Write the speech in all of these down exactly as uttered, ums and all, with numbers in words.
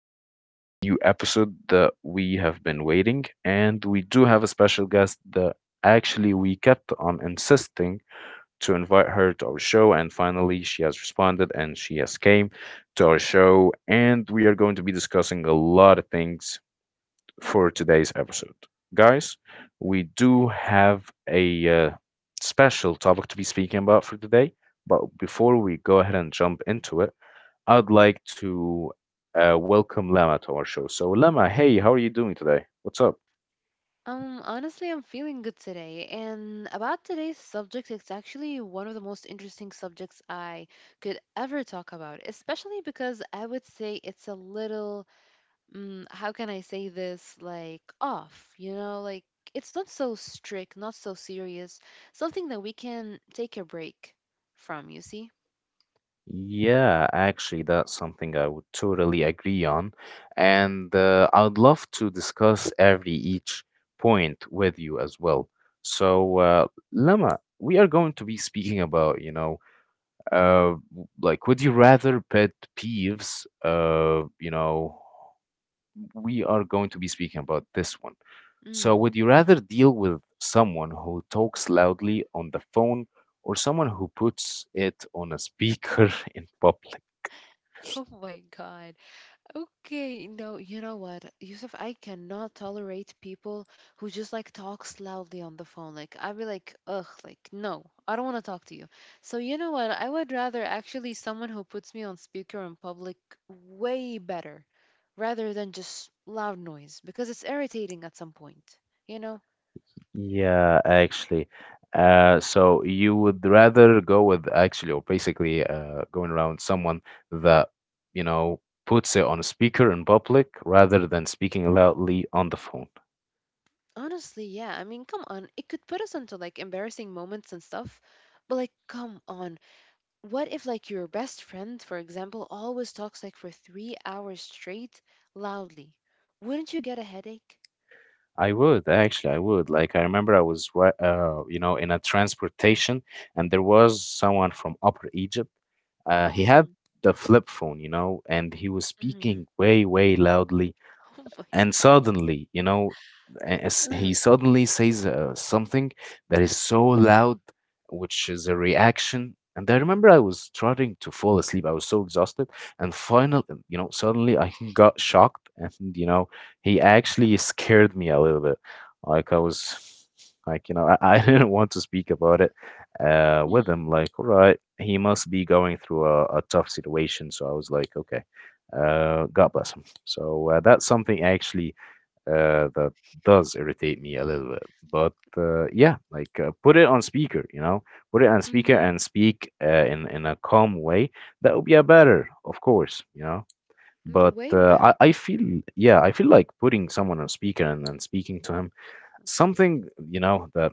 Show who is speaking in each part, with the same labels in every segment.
Speaker 1: with our today's new episode that we have been waiting. And we do have a special guest that actually we kept on insisting to invite her to our show. And finally, she has responded and she has came to our show. And we are going to be discussing a lot of things for today's episode. Guys, we do have a uh, special topic to be speaking about for today. But before we go ahead and jump into it, I'd like to uh, welcome Lama to our show. So, Lama, hey, how are you doing today? What's up?
Speaker 2: Um, honestly, I'm feeling good today. And about today's subject, it's actually one of the most interesting subjects I could ever talk about, especially because I would say it's a little, mm, how can I say this, like off, you know, like it's not so strict, not so serious, something that we can take a break from, you see?
Speaker 1: Yeah, actually, that's something I would totally agree on. And uh, I would love to discuss every each point with you as well. So, uh, Lama, we are going to be speaking about, you know, uh, like, would you rather pet peeves, uh, you know, we are going to be speaking about this one. So,
Speaker 2: Mm.
Speaker 1: would you rather deal with someone who talks loudly on the phone or someone who puts it on a speaker in public?
Speaker 2: Oh my God. Okay, no, you know what, Yusuf, I cannot tolerate people who just like talks loudly on the phone. Like I'd be like, ugh, like no, I don't want to talk to you. So you know what, I would rather actually someone who puts me on speaker in public way better, rather than just loud noise because it's irritating at some point. You know,
Speaker 1: Yeah, actually. Uh, so you would rather go with actually, or basically, uh, going around someone that, you know, puts it on a speaker in public rather than speaking loudly on the phone.
Speaker 2: honestly, yeah. I mean, come on, it could put us into like embarrassing moments and stuff, but like, come on, what if like your best friend for example always talks like for three hours straight loudly, wouldn't you get a headache?
Speaker 1: I would actually, I would. Like, I remember I was, ri- uh, you know, in a transportation, and there was someone from Upper Egypt. Uh, he
Speaker 2: Mm-hmm.
Speaker 1: had the flip phone, you know, and he was
Speaker 2: Mm-hmm.
Speaker 1: speaking way, way loudly.
Speaker 2: Oh my
Speaker 1: And
Speaker 2: god.
Speaker 1: suddenly, you know, as
Speaker 2: Uh,
Speaker 1: he suddenly says uh, something that is so loud, which is a reaction. And I remember I was trying to fall asleep. I was so exhausted, and finally, you know, suddenly I got shocked, and you know, he actually scared me a little bit. Like I was, like you know, I, I didn't want to speak about it uh, with
Speaker 2: mm,
Speaker 1: him. Like, all right, he must be going through a, a tough situation. So I was like, okay, uh, God bless him. So uh, that's something actually uh, that does irritate me a little bit. But uh, yeah, like uh, put it on speaker, you know, put it on speaker
Speaker 2: mhm,
Speaker 1: and speak uh, in in a calm way. That would be a better, of course, you know.
Speaker 2: mm.
Speaker 1: But
Speaker 2: Way
Speaker 1: uh,
Speaker 2: better.
Speaker 1: I I feel yeah, I feel like putting someone on speaker and then speaking to him something you know that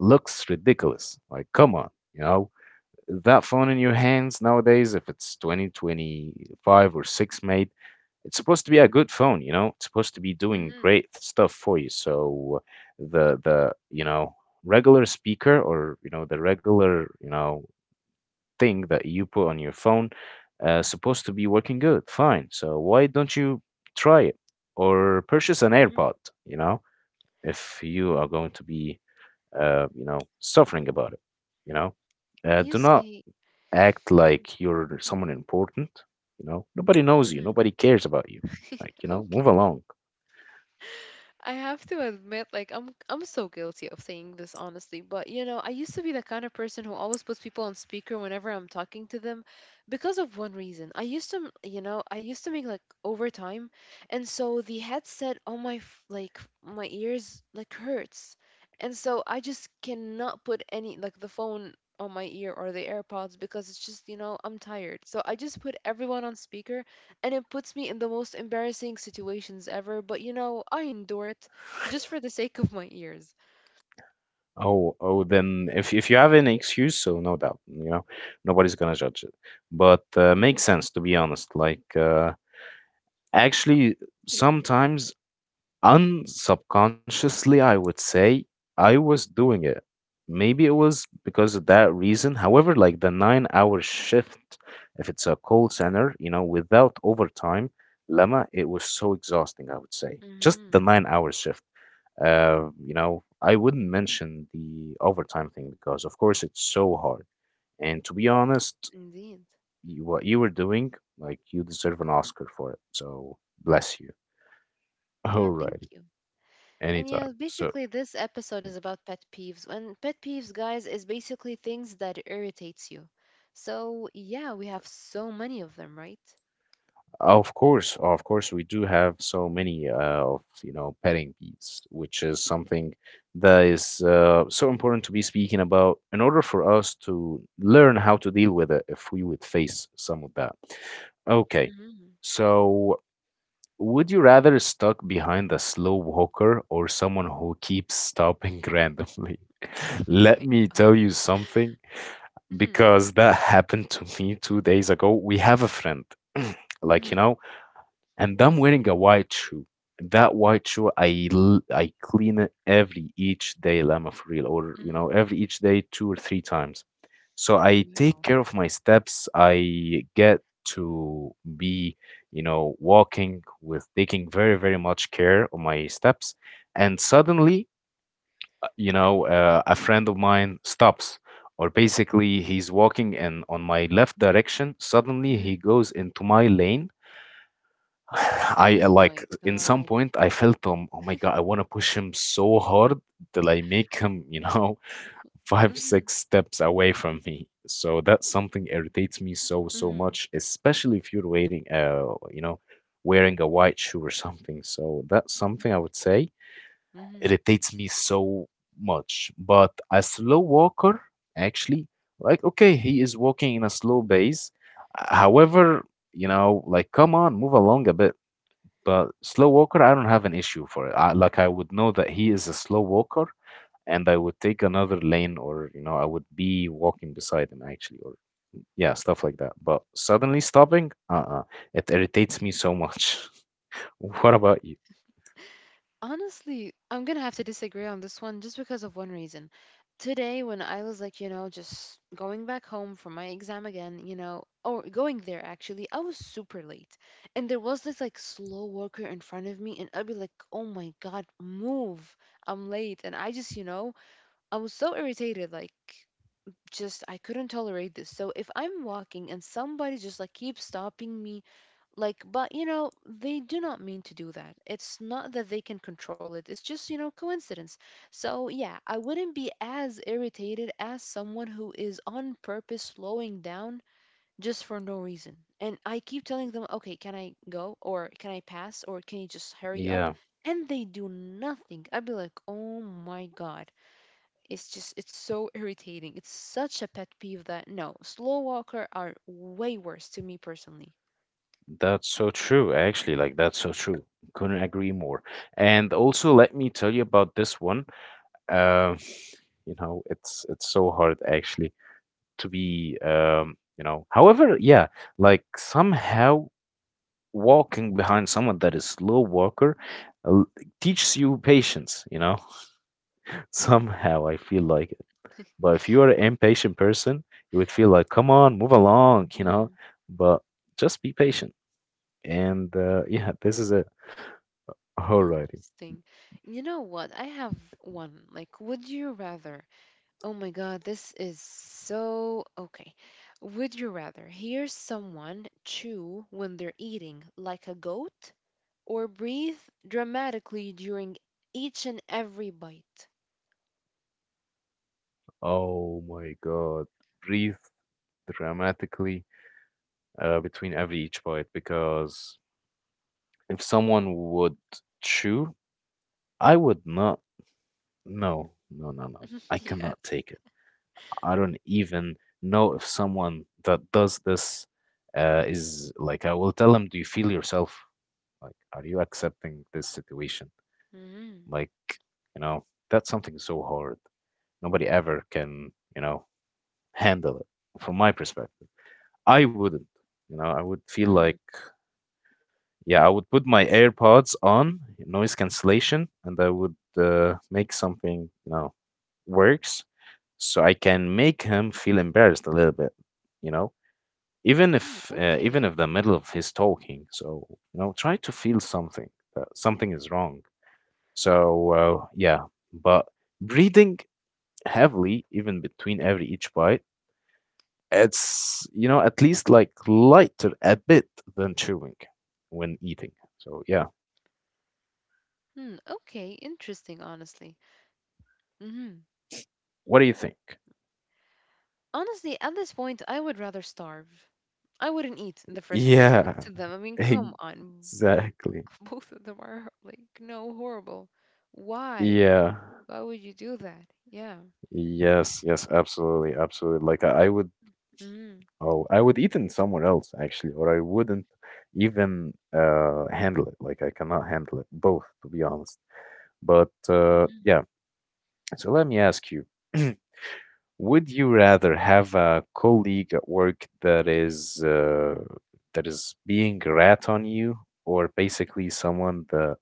Speaker 1: looks ridiculous. Like come on, you know that phone in your hands nowadays, if it's twenty twenty-five or six made, it's supposed to be a good phone, you know? It's supposed to be doing
Speaker 2: Mm-hmm.
Speaker 1: great stuff for you. So the the, you know, regular speaker or, you know, the regular, you know, thing that you put on your phone uh supposed to be working good. Fine. So why don't you try it or purchase an
Speaker 2: Mm-hmm.
Speaker 1: AirPod, you know, if you are going to be uh, you know, suffering about it, you know? Uh,
Speaker 2: You
Speaker 1: do not
Speaker 2: see.
Speaker 1: act like you're someone important. You know, nobody knows you,
Speaker 2: Mm.
Speaker 1: nobody cares about you. Like you know,
Speaker 2: Okay.
Speaker 1: move along.
Speaker 2: I have to admit, like I'm I'm so guilty of saying this honestly, but you know, I used to be the kind of person who always puts people on speaker whenever I'm talking to them because of one reason. I used to, m- you know, I used to make like overtime, and so the headset on my f- like my ears like hurts. And so I just cannot put any like the phone on my ear or the AirPods because it's just, you know, I'm tired. So I just put everyone on speaker and it puts me in the most embarrassing situations ever. But you know, I endure it just for the sake of my ears.
Speaker 1: Oh, oh then if, if you have an excuse, so no doubt, you know, nobody's gonna judge it. But uh, makes sense to be honest, like uh, actually sometimes unsubconsciously, I would say I was doing it. Maybe it was because of that reason. However, like the nine hour shift, if it's a call center, you know, without overtime, Lama, it was so exhausting, I would say. Just
Speaker 2: Mm-hmm.
Speaker 1: the nine hour shift. Uh, you know, I wouldn't mention the overtime thing because, of course, it's so hard. And to be honest,
Speaker 2: Indeed.
Speaker 1: you, what you were doing, like, you deserve an Oscar for it. So, bless you.
Speaker 2: No, thank
Speaker 1: Alrighty,
Speaker 2: you. And yeah,
Speaker 1: anytime. So,
Speaker 2: basically this episode is about pet peeves. And pet peeves, guys, is basically things that irritates you. So yeah, we have so many of them, right?
Speaker 1: of course, of course, we do have so many uh, of you know petting peeves, which is something that is uh, so important to be speaking about in order for us to learn how to deal with it if we would face some of that. Okay,
Speaker 2: Mm-hmm.
Speaker 1: so would you rather stuck behind a slow walker or someone who keeps stopping randomly? Let
Speaker 2: Wait.
Speaker 1: me
Speaker 2: uh,
Speaker 1: tell you something
Speaker 2: Mm-hmm.
Speaker 1: because that happened to me two days ago. We have a friend, like you
Speaker 2: Mm-hmm.
Speaker 1: know, and I'm wearing a white shoe. That white shoe, I l- I clean it every each day, Lama, for real, or you
Speaker 2: Mm-hmm.
Speaker 1: know, every each day, two or three times. So I take
Speaker 2: Wow.
Speaker 1: care of my steps. I get to be, you know, walking with taking very, very much care of my steps. And suddenly, uh, you know, uh, a friend of mine stops, or basically he's walking and on my left direction. Suddenly he
Speaker 2: Mm-hmm.
Speaker 1: goes into my lane. I
Speaker 2: Oh
Speaker 1: uh, like
Speaker 2: my
Speaker 1: in some
Speaker 2: God.
Speaker 1: point I felt um, oh my god, I want to push him so hard till I make him, you know, five six
Speaker 2: Mm-hmm.
Speaker 1: steps away from me. So that's something irritates me so so
Speaker 2: Mm-hmm.
Speaker 1: much, especially if you're wearing uh, you know, wearing a white shoe or something. So that's something I would say
Speaker 2: Mm-hmm.
Speaker 1: irritates me so much. But a slow walker actually, like okay, he is walking in a slow pace, however, you know, like come on, move along a bit. But slow walker, I don't have an issue for it. I, like I would know that he is a slow walker, and I would take another lane, or you know, I would be walking beside him actually, or yeah, stuff like that. But suddenly stopping, uh-uh, it irritates me so much. What about you?
Speaker 2: Honestly, I'm gonna have to disagree on this one just because of one reason. Today, when I was like, you know, just going back home from my exam again, you know, or going there actually, I was super late. And there was this like slow walker in front of me, and I'd be like, oh my God, move. I'm late. And I just, you know, I was so irritated. Like, just, I couldn't tolerate this. So if I'm walking and somebody just like keeps stopping me, like but you know they do not mean to do that. It's not that they can control it. It's just you know coincidence. So yeah, I wouldn't be as irritated as someone who is on purpose slowing down just for no reason. And I keep telling them, okay, can I go or can I pass or can you just hurry up?
Speaker 1: Yeah,
Speaker 2: And they do nothing. I'd be like, oh my god, it's just it's so irritating. It's such a pet peeve that no, slow walker are way worse to me personally.
Speaker 1: that's so true. Actually, like that's so true. Couldn't agree more. And also, let me tell you about this one. Um, you know, it's it's so hard actually to be um, you know. However, yeah, like somehow walking behind someone that is slow walker l- teaches you patience, you know. somehow I feel like it. But if you are an
Speaker 2: Okay.
Speaker 1: impatient person, you would feel like come on, move along, you know. But just be patient, and uh, yeah, this is it. Alrighty.
Speaker 2: Interesting. You know what? I have one. Like, would you rather? Oh my God, this is so okay. Would you rather hear someone chew when they're eating like a goat, or breathe dramatically during each and every bite?
Speaker 1: Oh my god, breathe dramatically uh, between every each bite because if someone would chew, I would not. No, no, no, no. I cannot
Speaker 2: Yes.
Speaker 1: take it. I don't even know if someone that does this uh, is like, I will tell them, do you feel yourself? Like, are you accepting this situation?
Speaker 2: Mm.
Speaker 1: Like, you know, that's something so hard. Nobody ever can, you know, handle it from my perspective. I wouldn't, you know, I would feel
Speaker 2: Mm.
Speaker 1: like, yeah, I would put my AirPods on, noise cancellation, and I would uh, make something, you know, works so I can make him feel embarrassed a little bit, you know, even
Speaker 2: Mm.
Speaker 1: if uh, even
Speaker 2: Okay.
Speaker 1: if the middle of his talking. So, you know, try to feel something that something is wrong. So, uh, yeah, but breathing heavily even between every each bite, it's, you know, at least like lighter a bit than chewing when eating. So, yeah.
Speaker 2: Mm, okay, interesting, honestly. Hmm.
Speaker 1: What do you think?
Speaker 2: Honestly, at this point, I would rather starve. I wouldn't eat in the first place next
Speaker 1: Yeah,
Speaker 2: to them. I mean, come on.
Speaker 1: exactly.
Speaker 2: Both of them are like no horrible. Why?
Speaker 1: Yeah.
Speaker 2: Why would you do that? Yeah.
Speaker 1: Yes, yes, absolutely, absolutely. Like I, I would,
Speaker 2: Mm.
Speaker 1: oh I would eat in somewhere else actually, or I wouldn't even uh handle it. Like I cannot handle it both, to be honest. But uh
Speaker 2: Mhm.
Speaker 1: yeah. So let me ask you. Would you rather have a colleague at work that is uh, that is being a rat on you, or basically someone that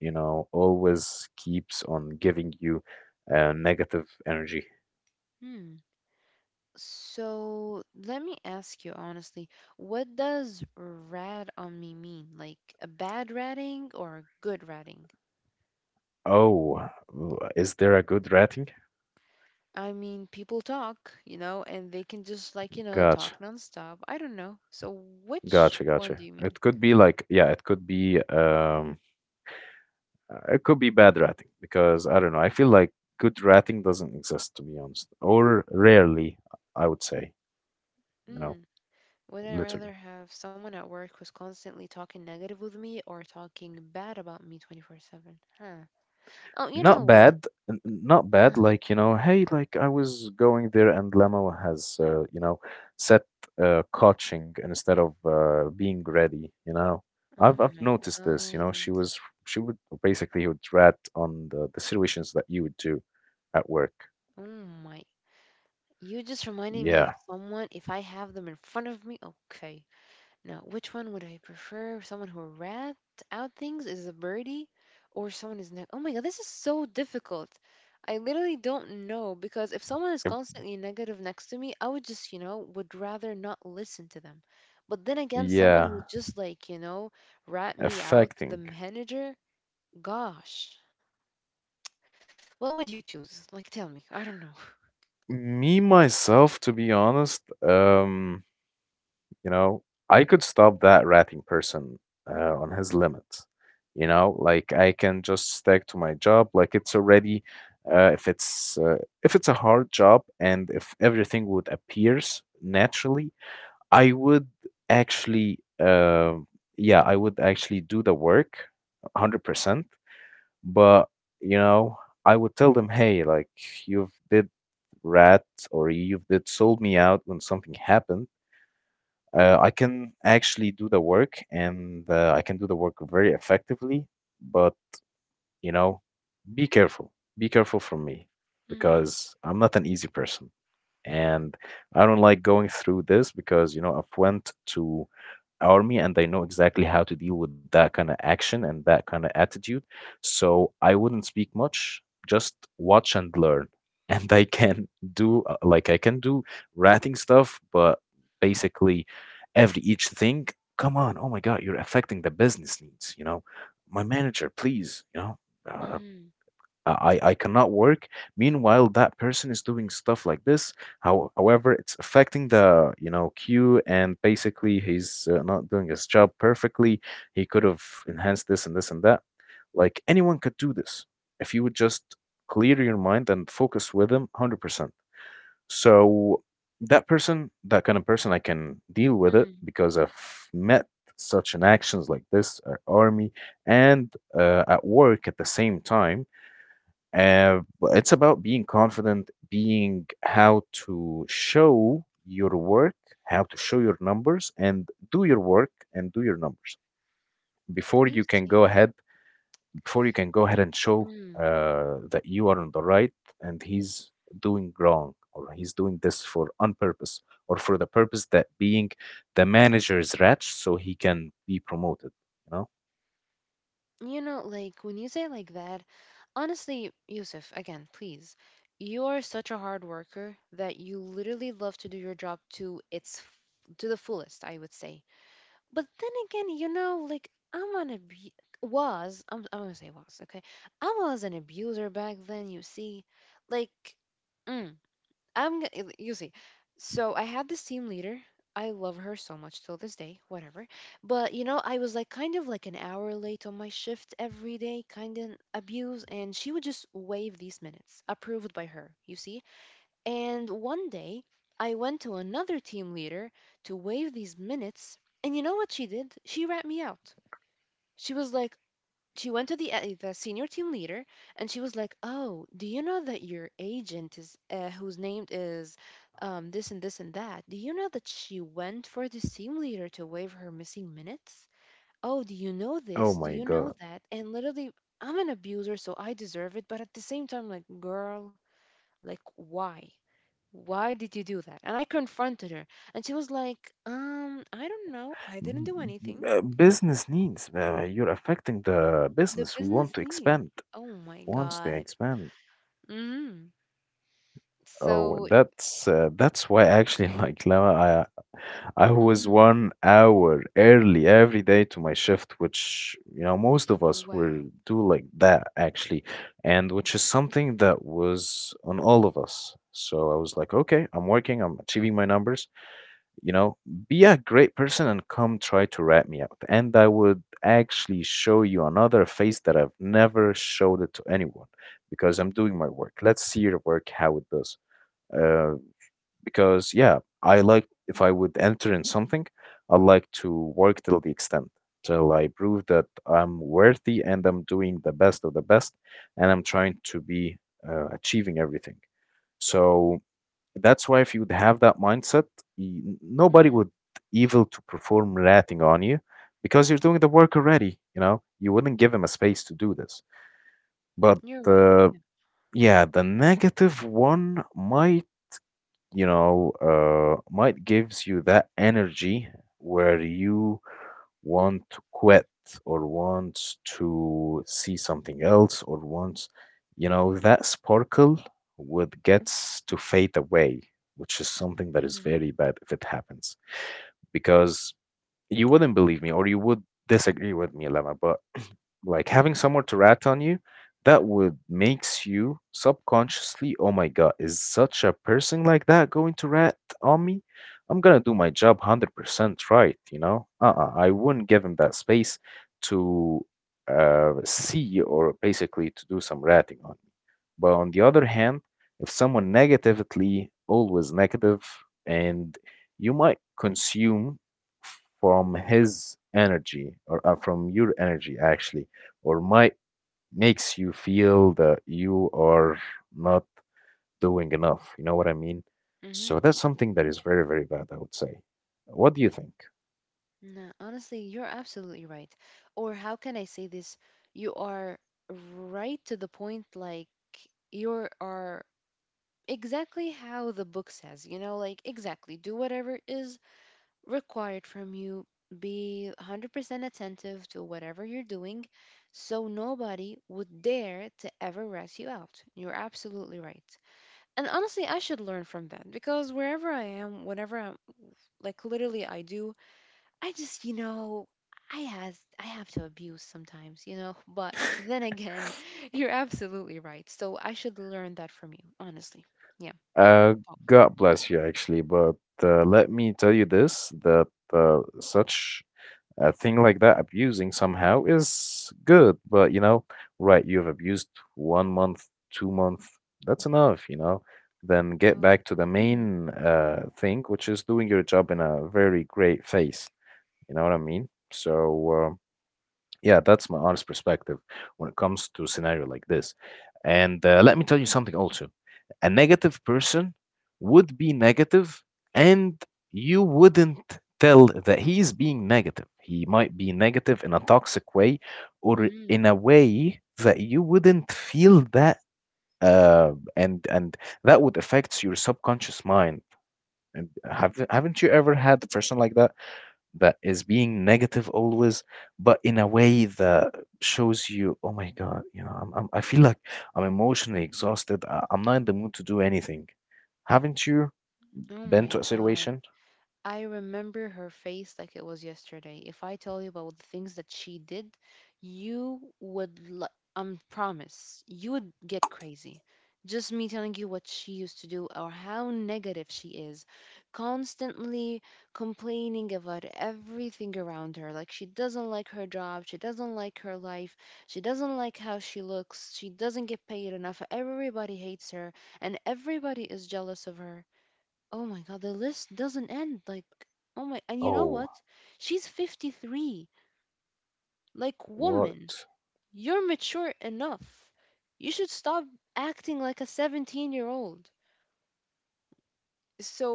Speaker 1: you know always keeps on giving you uh, negative energy?
Speaker 2: Hmm. So let me ask you honestly, what does rat on me mean? Like a bad ratting or a good ratting?
Speaker 1: Oh, w- is there a good rating?
Speaker 2: I mean, people talk, you know, and they can just like, you know, talk
Speaker 1: Gotcha,
Speaker 2: nonstop. I don't know. So which
Speaker 1: gotcha,
Speaker 2: one
Speaker 1: gotcha.
Speaker 2: do you
Speaker 1: It could be like, yeah, it could be um, uh, it could be bad rating because I don't know. I feel like good rating doesn't exist to be honest, or rarely, I would say, you know,
Speaker 2: mean? Would I
Speaker 1: literally.
Speaker 2: rather have someone at work who's constantly talking negative with me or talking bad about me twenty four seven? Huh. Oh, you
Speaker 1: Not
Speaker 2: know what?
Speaker 1: bad, n- not bad.
Speaker 2: Uh,
Speaker 1: Like, you know, hey, like I was going there and Lemo has, uh, you know, set uh, coaching instead of uh, being ready, you know. I've
Speaker 2: oh
Speaker 1: I've
Speaker 2: my
Speaker 1: noticed this, you know. She
Speaker 2: God.
Speaker 1: was she would basically would rat on the, the situations that you would do at work.
Speaker 2: Oh my. You just reminded me of
Speaker 1: Yeah.
Speaker 2: someone. If I have them in front of me, okay. Now, which one would I prefer? Someone who wrapped out things is a birdie, or someone is neg- oh my god, this is so difficult. I literally don't know because if someone is
Speaker 1: Im-
Speaker 2: constantly negative next to me, I would just, you know, would rather not listen to them. But then again, someone who
Speaker 1: yeah,
Speaker 2: just like, you know, rat me out to the
Speaker 1: affecting
Speaker 2: manager, gosh. What would you choose? Like, tell me. I don't know.
Speaker 1: me myself, to be honest. Um, you know, I could stop that ratting person uh, on his limits. You know, like I can just stick to my job. Like it's already, uh, if it's uh, if it's a hard job and if everything would appears naturally, I would actually, uh, yeah, I would actually do the work, hundred percent. But you know, I would tell them, hey, like you've did rat or you've did sold me out when something happened. Uh, I can actually do the work and uh, I can do the work very effectively, but you know, be careful. Be careful from me
Speaker 2: Mm,
Speaker 1: because I'm not an easy person, and I don't like going through this because you know, I've went to army, and they know exactly how to deal with that kind of action and that kind of attitude. So I wouldn't speak much, just watch and learn. And I can do uh, like I can do ratting stuff, but basically every each thing. Come on, oh my God, you're affecting the business needs. You know, my manager, please. You know, uh,
Speaker 2: mm,
Speaker 1: uh, I, I cannot work. Meanwhile, that person is doing stuff like this. How, however, it's affecting the, you know, queue, and basically he's uh, not doing his job perfectly. He could have enhanced this and this and that. Like anyone could do this if you would just clear your mind and focus with them one hundred percent. So that person, that kind of person, I can deal with it
Speaker 2: mm.
Speaker 1: because I've met such an actions like this at army and uh, at work at the same time, uh, but it's about being confident, being how to show your work, how to show your numbers, and do your work and do your numbers before
Speaker 2: You
Speaker 1: you can go
Speaker 2: say,
Speaker 1: ahead. Before you can go ahead and show
Speaker 2: mm.
Speaker 1: uh, that you are on the right and he's doing wrong, or he's doing this for on purpose, or for the purpose that being the manager's rat so he can be promoted. You know?
Speaker 2: You know, like when you say like that, honestly, Yusuf, again, please. You're such a hard worker that you literally love to do your job to its f- to the fullest, I would say. But then again, you know, like I'm an abu- was I'm, I'm gonna say was okay. I was an abuser back then. You see, like, mm, I'm g- y- you see. So I had this team leader. I love her so much till this day, whatever. But you know, I was like kind of like an hour late on my shift every day, kind of abuse, and she would just waive these minutes, approved by her, you see. And one day, I went to another team leader to waive these minutes, and you know what she did? She rat me out. She was like, she went to the uh, the senior team leader and she was like, "Oh, do you know that your agent is uh, whose name is um, this and this and that? Do you know that she went for the team leader to waive her missing minutes? Oh, do you know
Speaker 1: Oh
Speaker 2: this? Do
Speaker 1: my
Speaker 2: you know
Speaker 1: god.
Speaker 2: that?" And literally, I'm an abuser, so I deserve it. But at the same time, like, girl, like, why? Why did you do that? And I confronted her, and she was like, "Um, I don't know. I didn't do anything.
Speaker 1: Uh, business needs. Uh, you're affecting the
Speaker 2: The
Speaker 1: business. We want
Speaker 2: business
Speaker 1: to
Speaker 2: needs."
Speaker 1: expand.
Speaker 2: Oh my
Speaker 1: Once they
Speaker 2: god.
Speaker 1: expand,
Speaker 2: Mm-hmm.
Speaker 1: oh,
Speaker 2: So,
Speaker 1: that's uh, that's why actually, like Lama, I I was
Speaker 2: hmm.
Speaker 1: one hour early every day to my shift, which you know most of us will
Speaker 2: Wow.
Speaker 1: do like that actually, and which is something that was on all of us. So I was like, okay, I'm working, I'm achieving my numbers, you know, be a great person and come try to rat me out. And I would actually show you another face that I've never showed it to anyone because I'm doing my work. Let's see your work, how it does. Uh, because, yeah, I like if I would enter in something, I like to work till the extent, till I prove that I'm worthy and I'm doing the best of the best and I'm trying to be uh, achieving everything. So, that's why if you would have that mindset, y- n- nobody
Speaker 2: Hmm.
Speaker 1: would evil to perform ratting on you because you're doing the work already. You know, you wouldn't give him a space to do this. But
Speaker 2: You're right.
Speaker 1: uh,
Speaker 2: Yeah.
Speaker 1: yeah, the negative one might, you know, uh, might gives you that energy where you want to quit, or wants to see something else, or wants, you know, that sparkle would gets to fade away, which is something that is
Speaker 2: Mm-hmm.
Speaker 1: very bad if it happens. Because you wouldn't believe me, or you would disagree with me, Lama, but like having someone to rat on you, that would makes you subconsciously, oh my god, is such a person like that going to rat on me? I'm gonna do my job one hundred percent right. You know? Uh-uh, I wouldn't give him that space to uh see, or basically to do some ratting on. But on the other hand, if someone negatively always negative, and you might consume from his energy or uh, from your energy actually, or might makes you feel that you are not doing enough. You know what I mean? So
Speaker 2: Mm-hmm.
Speaker 1: that's something that is very, very bad, I would say. What do you think?
Speaker 2: No, honestly, you're absolutely right. Or how can I say this? You are right to the point, like you are exactly how the book says, you know, like exactly do whatever is required from you, be a hundred percent attentive to whatever you're doing, so nobody would dare to ever rat you out. You're absolutely right. And honestly, I should learn from that, because wherever I am, whenever I'm, like, literally I do. I just, you know i has I have to abuse sometimes you know But then again you're absolutely right, so I should learn that from you honestly. Yeah.
Speaker 1: Uh, God bless you, actually, but uh, let me tell you this that uh, such a thing like that abusing somehow is good, but you know right, you've abused one month, two month, that's enough. You know then get
Speaker 2: Oh.
Speaker 1: back to the
Speaker 2: Mm-hmm.
Speaker 1: main uh, thing, which is doing your job in a very great face. You know what I mean? So uh, yeah, that's my honest perspective when it comes to a scenario like this. And uh, let me tell you something also. A negative person would be negative, and you wouldn't tell that he's being negative. He might be negative in a toxic way, or
Speaker 2: Mm-hmm.
Speaker 1: in a way that you wouldn't feel that, uh, and and that would affect your subconscious mind. And have, haven't you ever had a person like that? That is being negative always, but in a way that shows you, oh my God, you know, I'm, I'm, I feel like I'm emotionally exhausted. I, I'm not in the mood to do anything. Haven't you
Speaker 2: Oh
Speaker 1: been
Speaker 2: my
Speaker 1: to a
Speaker 2: god,
Speaker 1: situation?
Speaker 2: I remember her face like it was yesterday. If I tell you about the things that she did, you would, lo- um, promise, you would get crazy. Just me telling you what she used to do or how negative she is, constantly complaining about everything around her. Like, she doesn't like her job, she doesn't like her life, she doesn't like how she looks, she doesn't get paid enough, everybody hates her, and everybody is jealous of her. Oh my God, the list doesn't end. Like, oh my, and you know
Speaker 1: Oh,
Speaker 2: what? She's fifty three. Like, woman,
Speaker 1: what?
Speaker 2: you're mature enough. You should stop acting like a seventeen year old.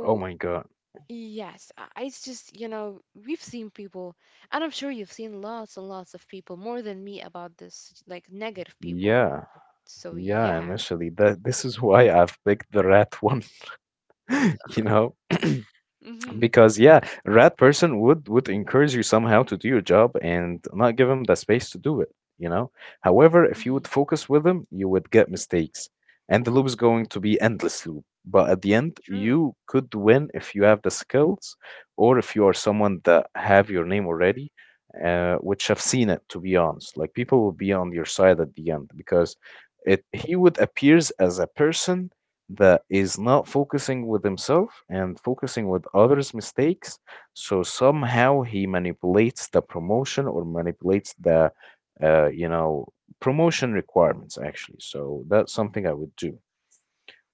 Speaker 1: Oh my God.
Speaker 2: yes, I I- it's just, you know, we've seen people, and I'm sure you've seen lots and lots of people, more than me, about this, like, negative people.
Speaker 1: Yeah.
Speaker 2: So,
Speaker 1: Yeah,
Speaker 2: yeah.
Speaker 1: initially that this is why I've picked the rat one, you know.
Speaker 2: Mm hmm.
Speaker 1: Because, yeah, rat person would would encourage you somehow to do your job and not give him the space to do it. you know However,
Speaker 2: Mm
Speaker 1: if you
Speaker 2: hmm.
Speaker 1: would focus with him, you would get mistakes, and the loop is going to be endless loop, but at the end
Speaker 2: True.
Speaker 1: you could win if you have the skills, or if you are someone that have your name already, uh, which I've seen it, to be honest. Like people will be on your side at the end because it he would appears as a person that is not focusing with himself and focusing with others' mistakes. So somehow he manipulates the promotion, or manipulates the, uh, you know, promotion requirements actually. So that's something I would do.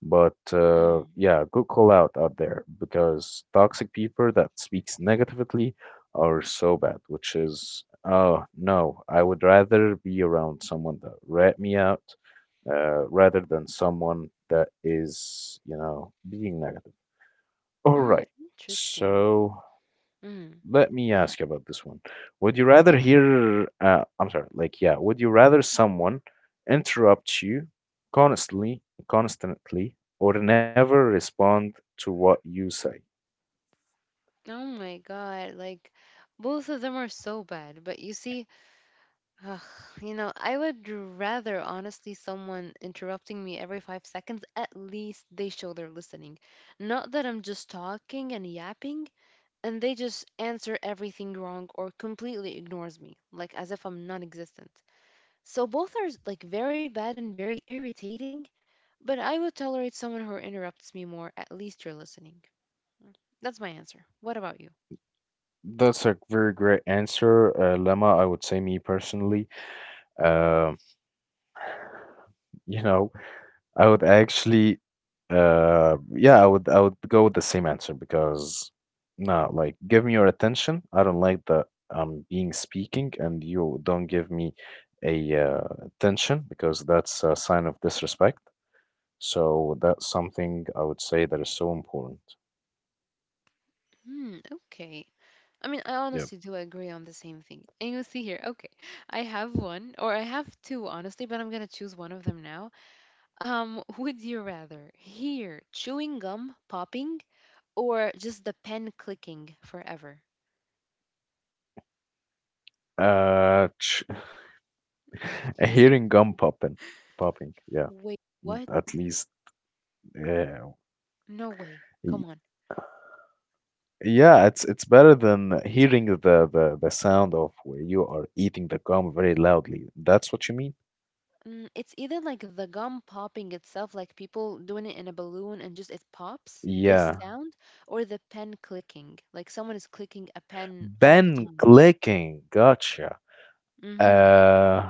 Speaker 1: But uh,
Speaker 2: Mm-hmm.
Speaker 1: yeah, good call out out there, because toxic people that speaks negatively are so bad, which is, oh no, I would rather be around someone that rat me out uh, rather than someone that is, you know, being negative. All
Speaker 2: Mm hmm.
Speaker 1: right.
Speaker 2: Interesting.
Speaker 1: So
Speaker 2: Mm.
Speaker 1: let me
Speaker 2: Yeah.
Speaker 1: ask you about this one. Would you rather hear, uh, I'm sorry, like, yeah, would you rather someone interrupt you constantly, constantly, or never respond to what you say?
Speaker 2: Oh my God, like both of them are so bad. But you see, ugh, you know, I would rather honestly someone interrupting me every five seconds. At least they show they're listening. Not that I'm just talking and yapping and they just answer everything wrong or completely ignores me, like as if I'm non-existent. So both are like very bad and very irritating, but I would tolerate someone who interrupts me more. At least you're listening. That's my answer. What about you?
Speaker 1: That's a very great answer, uh, Lemma. I would say, me personally, um, you know, I would actually, uh, yeah, I would I would go with the same answer because no, like give me your attention. I don't like that I'm being speaking and you don't give me a uh, attention because that's a sign of disrespect. So that's something I would say that is so important.
Speaker 2: Hmm, okay. I mean, I
Speaker 1: Yep.
Speaker 2: honestly do agree on the same thing. And you see here, okay, I have one, or I have two, honestly, but I'm gonna choose one of them now. Um, would you rather hear chewing gum popping or just the pen clicking forever?
Speaker 1: Uh, ch Hearing gum popping, popping, yeah,
Speaker 2: Wait,
Speaker 1: mm,
Speaker 2: what?
Speaker 1: at least, yeah,
Speaker 2: No way. Come
Speaker 1: Y-
Speaker 2: on.
Speaker 1: yeah. It's it's better than hearing the the the sound of where you are eating the gum very loudly. That's what you mean?
Speaker 2: Mm, it's either like the gum popping itself, like people doing it in a balloon and just it pops, this
Speaker 1: Yeah.
Speaker 2: sound, or the pen clicking, like someone is clicking a pen all the
Speaker 1: Ben
Speaker 2: time.
Speaker 1: clicking, gotcha.
Speaker 2: Mm-hmm.
Speaker 1: Uh,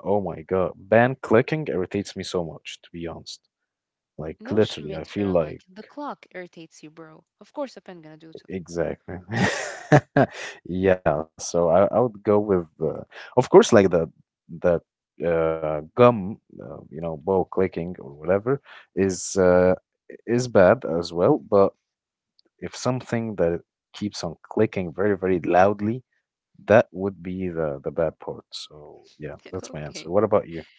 Speaker 1: oh my God. Ban clicking irritates me so much, to be honest. Like
Speaker 2: No
Speaker 1: literally, I
Speaker 2: Schmidt,
Speaker 1: feel
Speaker 2: Sherlock.
Speaker 1: like
Speaker 2: The clock irritates you, bro. Of course, a pen gonna do too.
Speaker 1: exactly. Yeah, so I, I would go with uh, of course like the the uh, gum, uh, you know, ball clicking or whatever is uh, is bad as well, but if something that keeps on clicking very, very loudly, that would be the the bad part. So yeah, that's my
Speaker 2: Okay.
Speaker 1: answer. What about you?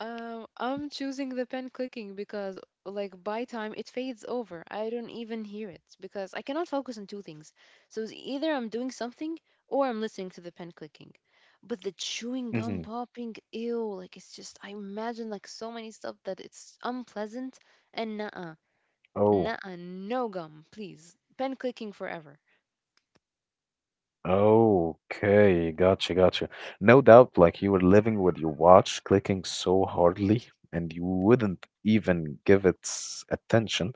Speaker 2: Um, I'm choosing the pen clicking because, like, by time it fades over. I don't even hear it because I cannot focus on two things. So it's either I'm doing something or I'm listening to the pen clicking. But the chewing gum
Speaker 1: Hmm.
Speaker 2: popping, ew, like it's just I imagine like so many stuff that it's unpleasant and nuh-uh,
Speaker 1: Oh.
Speaker 2: nuh-uh, no gum, please. Pen clicking forever.
Speaker 1: Okay, gotcha, gotcha. No doubt, like you were living with your watch, clicking so hardly, and you wouldn't even give it s- attention.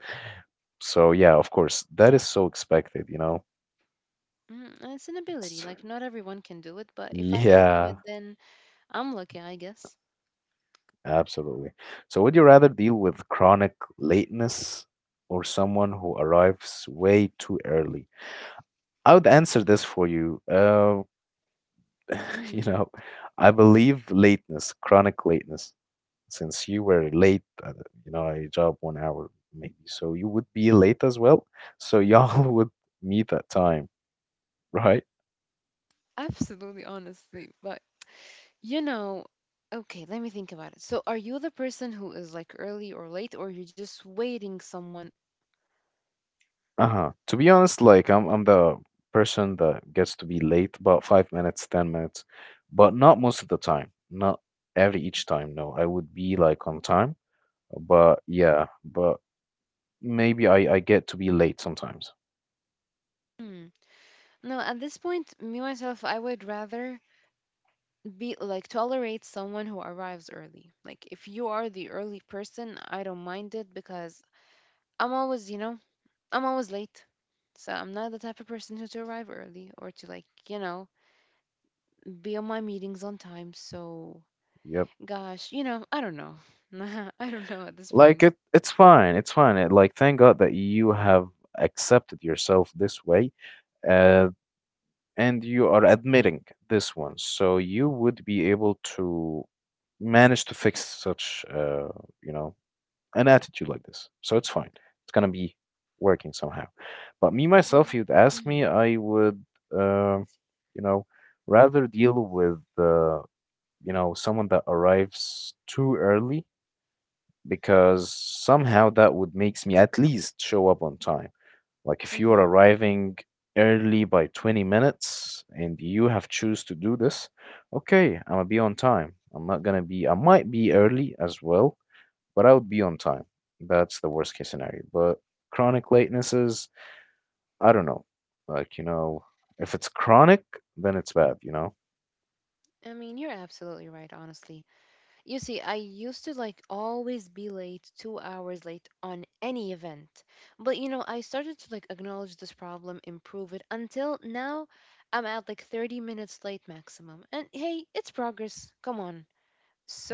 Speaker 1: So, yeah, of course, that is so expected, you know?
Speaker 2: Mm, and it's an ability.
Speaker 1: It's-
Speaker 2: Like not everyone can do it, but if I can do
Speaker 1: yeah,
Speaker 2: it, then I'm lucky, I guess.
Speaker 1: absolutely. So, would you rather deal with chronic lateness or someone who arrives way too early? I would answer this for you. Uh,
Speaker 2: Hmm
Speaker 1: you know, I believe lateness, chronic lateness. Since you were late, uh, you know, I job one hour maybe, so you would be late as well. So y'all would meet at time, right?
Speaker 2: Absolutely, honestly. But you know, okay, let me think about it. So, are you the person who is like early or late, or you're just waiting someone?
Speaker 1: Uh-huh. To be honest, like I'm I'm the person that gets to be late about five minutes, ten minutes, but not most of the time. Not every each time, no. I would be like on time. But yeah, but maybe I, I get to be late sometimes.
Speaker 2: Hmm. No, at this point, me myself, I would rather be like tolerate someone who arrives early. Like if you are the early person, I don't mind it because I'm always, you know, I'm always late. So I'm not the type of person who to arrive early or to like, you know, be on my meetings on time. So
Speaker 1: Yep.
Speaker 2: gosh, you know, I don't know. I don't know at this
Speaker 1: Like
Speaker 2: point.
Speaker 1: it it's fine. It's fine. It, like thank God that you have accepted yourself this way. Uh and you are admitting this one, so you would be able to manage to fix such, uh, you know, an attitude like this. So it's fine. It's gonna be working somehow. But me myself, you'd ask me,
Speaker 2: Mm-hmm.
Speaker 1: I would, uh, you know, rather deal with, uh, you know, someone that arrives too early, because somehow that would makes me at least show up on time. Like if you are
Speaker 2: Mm-hmm.
Speaker 1: arriving early by twenty minutes and you have choose to do this, okay, I'm gonna be on time. I'm not gonna be, I might be
Speaker 2: hmm
Speaker 1: early as well, but I would be on time. That's the worst case scenario. But chronic latenesses, I don't know. Like, you know, if it's chronic, then it's bad, you know?
Speaker 2: I mean, you're absolutely right, honestly. You see, I used to like always be late, two hours late on any event. But you know, I started to like acknowledge this problem, improve it until now I'm at like 30 minutes late maximum. And hey, it's progress. Come on.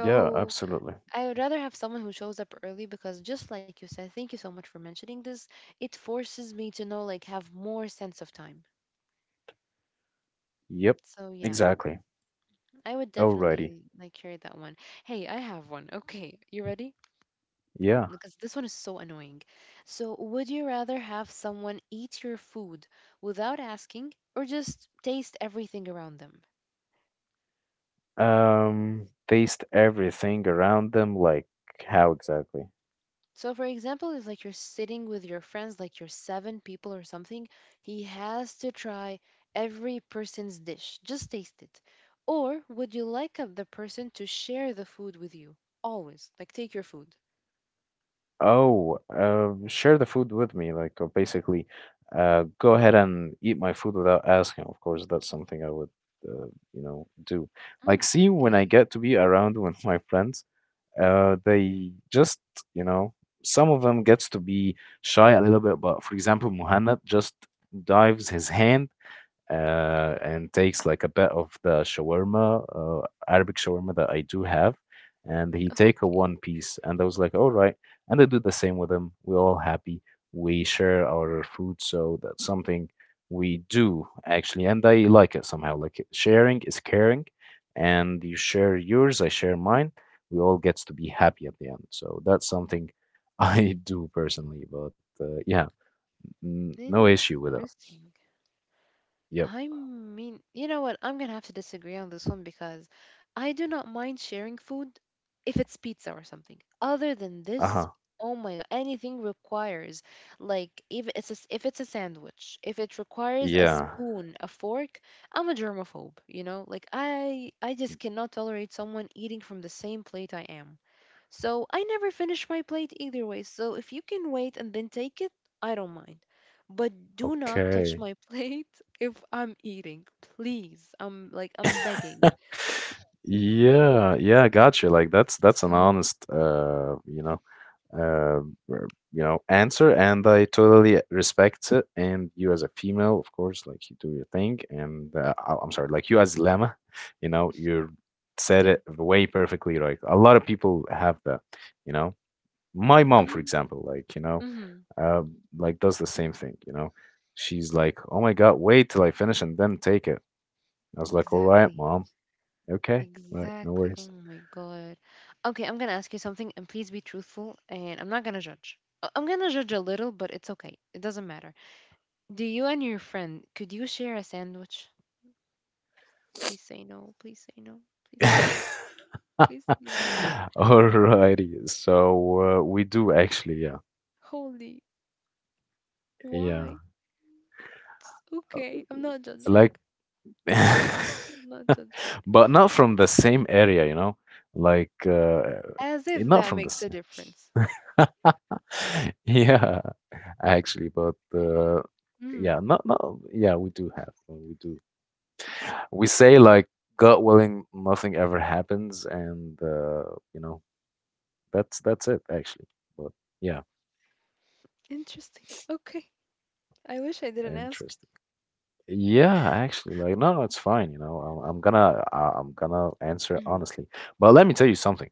Speaker 1: Yeah, absolutely.
Speaker 2: I would rather have someone who shows up early because just like you said, thank you so much for mentioning this. It forces me to know like have more sense of time.
Speaker 1: Yep,
Speaker 2: So yeah,
Speaker 1: exactly.
Speaker 2: I would
Speaker 1: Alrighty.
Speaker 2: definitely like carry that one. Hey, I have one. Okay, you ready?
Speaker 1: Yeah.
Speaker 2: Because this one is so annoying. So would you rather have someone eat your food without asking or just taste everything around them?
Speaker 1: Um, taste everything around them, like how exactly?
Speaker 2: So, for example, if like you're sitting with your friends, like you're seven people or something, he has to try every person's dish. Just taste it. Or would you like uh, the person to share the food with you? Always. Like take your food.
Speaker 1: Oh, uh, share the food with me, like uh, basically, uh, go ahead and eat my food without asking. Of course, that's something I would, uh, you know, do. Like,
Speaker 2: Mm,
Speaker 1: see, when I
Speaker 2: okay.
Speaker 1: get to be around with my friends, uh, they just, you know, some of them gets to be shy a little bit, but for example, Muhannad just dives his hand uh, and takes like a bit of the shawarma, uh, Arabic shawarma that I do have, and he take a
Speaker 2: Okay.
Speaker 1: one piece, and I was like, all right, and I do the same with him. We're all happy. We share our food, so that's something we do actually, and I like it somehow. Like it- sharing is caring, and you share yours, I share mine. We all gets to be happy at the end. So that's something I do personally, but uh, yeah, n- no issue with it.
Speaker 2: Interesting.
Speaker 1: Yep.
Speaker 2: I mean, you know what? I'm gonna have to disagree on this one because I do not mind sharing food if it's pizza or something. Other than
Speaker 1: Uh
Speaker 2: this,
Speaker 1: huh.
Speaker 2: oh my god, anything requires like if it's a, s- if it's a sandwich, if it requires a
Speaker 1: Yeah.
Speaker 2: spoon, a fork, I'm a germaphobe, you know? Like I I just cannot tolerate someone eating from the same plate I am. So I never finish my plate either way. So if you can wait and then take it, I don't mind. But do not touch
Speaker 1: Okay.
Speaker 2: my plate if I'm eating. Please. I'm like I'm begging.
Speaker 1: Yeah, yeah, gotcha. Like that's that's an
Speaker 2: So
Speaker 1: honest, uh, you know, uh, r- you know, answer, and I totally respect it. And you as a female, of course, like you do your thing, and uh, I- I'm sorry, like you as Lama, you know, you said
Speaker 2: yeah.
Speaker 1: it way perfectly right. A lot of people have that, you know. My mom, for
Speaker 2: Um,
Speaker 1: example, like you know,
Speaker 2: mm-hmm.
Speaker 1: uh, like does the same thing, you know. She's like, "Oh my God, wait till I finish and then take it." I was like, all right,
Speaker 2: Exactly.
Speaker 1: mom. Okay. Right. No
Speaker 2: Exactly. Oh
Speaker 1: worries.
Speaker 2: my God. Okay, I'm gonna ask you something and please be truthful and I'm not gonna judge. I- I'm gonna judge a little, but it's okay. It doesn't matter. Do you and your friend could you share a sandwich? Please say no. Please say no. Please say no. Please, you know,
Speaker 1: Alrighty. So uh, we do actually, yeah.
Speaker 2: holy,
Speaker 1: Yeah.
Speaker 2: why? It's
Speaker 1: Uh,
Speaker 2: okay, I'm not judging.
Speaker 1: Like,
Speaker 2: I'm not judging.
Speaker 1: but not from the same area, you know? Like, uh,
Speaker 2: As if
Speaker 1: not
Speaker 2: that
Speaker 1: from the
Speaker 2: makes a
Speaker 1: same.
Speaker 2: difference.
Speaker 1: Yeah, actually, but uh,
Speaker 2: Mm,
Speaker 1: yeah, not, not, yeah, we do have. uh, We do. We say, like, God willing, nothing ever happens. And, uh, you know, That's that's it actually. But yeah,
Speaker 2: interesting. Okay. I wish I didn't ask.
Speaker 1: interesting. Yeah, actually, like no, no, it's fine. You know, I'm, I'm gonna I- I'm gonna answer
Speaker 2: Okay. Mm,
Speaker 1: honestly. But let me tell you something.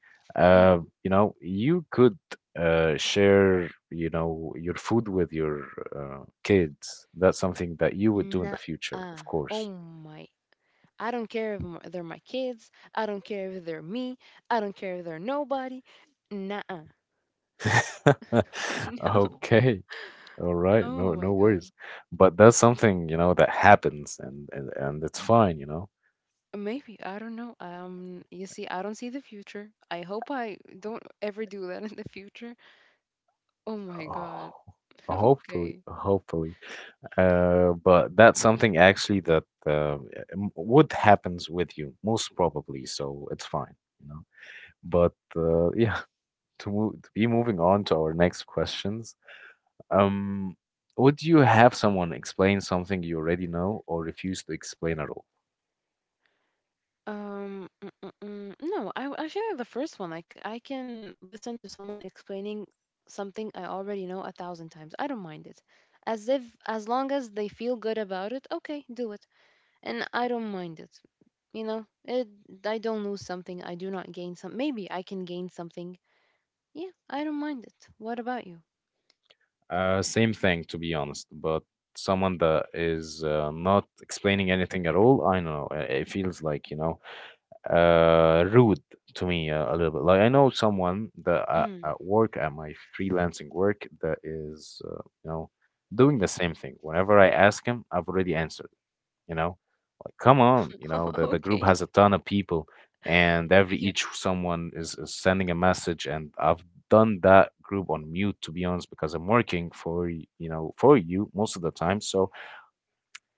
Speaker 2: mm,
Speaker 1: Uh, you know, you could uh share you know your food with your uh, kids. That's something that you would do in
Speaker 2: nah,
Speaker 1: the future,
Speaker 2: uh,
Speaker 1: of
Speaker 2: oh
Speaker 1: course.
Speaker 2: my. I don't care if m- they're my kids. I don't care if they're me. I don't care if they're nobody. Nah. No.
Speaker 1: Okay. All right.
Speaker 2: Oh
Speaker 1: No,
Speaker 2: my
Speaker 1: no
Speaker 2: God.
Speaker 1: worries. But that's something, you know, that happens and and, and it's fine, you know.
Speaker 2: Maybe, I don't know. Um, you see, I don't see the future. I hope I don't ever do that in the future. Oh my god.
Speaker 1: Oh, hopefully,
Speaker 2: Okay.
Speaker 1: hopefully. Uh, but that's something actually that uh, m- would happens with you most probably, so it's fine, you know. But uh, yeah, to move, to be moving on to our next questions. Um, would you have someone explain something you already know or refuse to explain at all?
Speaker 2: Um, mm, mm, mm. no, I w- Actually the first one. Like I can listen to someone explaining something I already know a thousand times. I don't mind it. As if as long as they feel good about it, okay, do it. And I don't mind it. You know, it I don't lose something, I do not gain some, maybe I can gain something. Yeah, I don't mind it. What about you?
Speaker 1: Uh, same thing, to be honest, but someone that is uh, not explaining anything at all, I don't know. uh, It feels like, you know, uh rude to me uh, a little bit. Like I know someone that at,
Speaker 2: Mm.
Speaker 1: at work, at my freelancing work, that is uh, you know, doing the same thing. Whenever I ask him, I've already answered, you know. Like come on, you know, the, the group
Speaker 2: Okay.
Speaker 1: has a ton of people, and every
Speaker 2: Yeah.
Speaker 1: each someone is, is sending a message, and I've done that group on mute to be honest because I'm working for y- you know, for you most of the time. So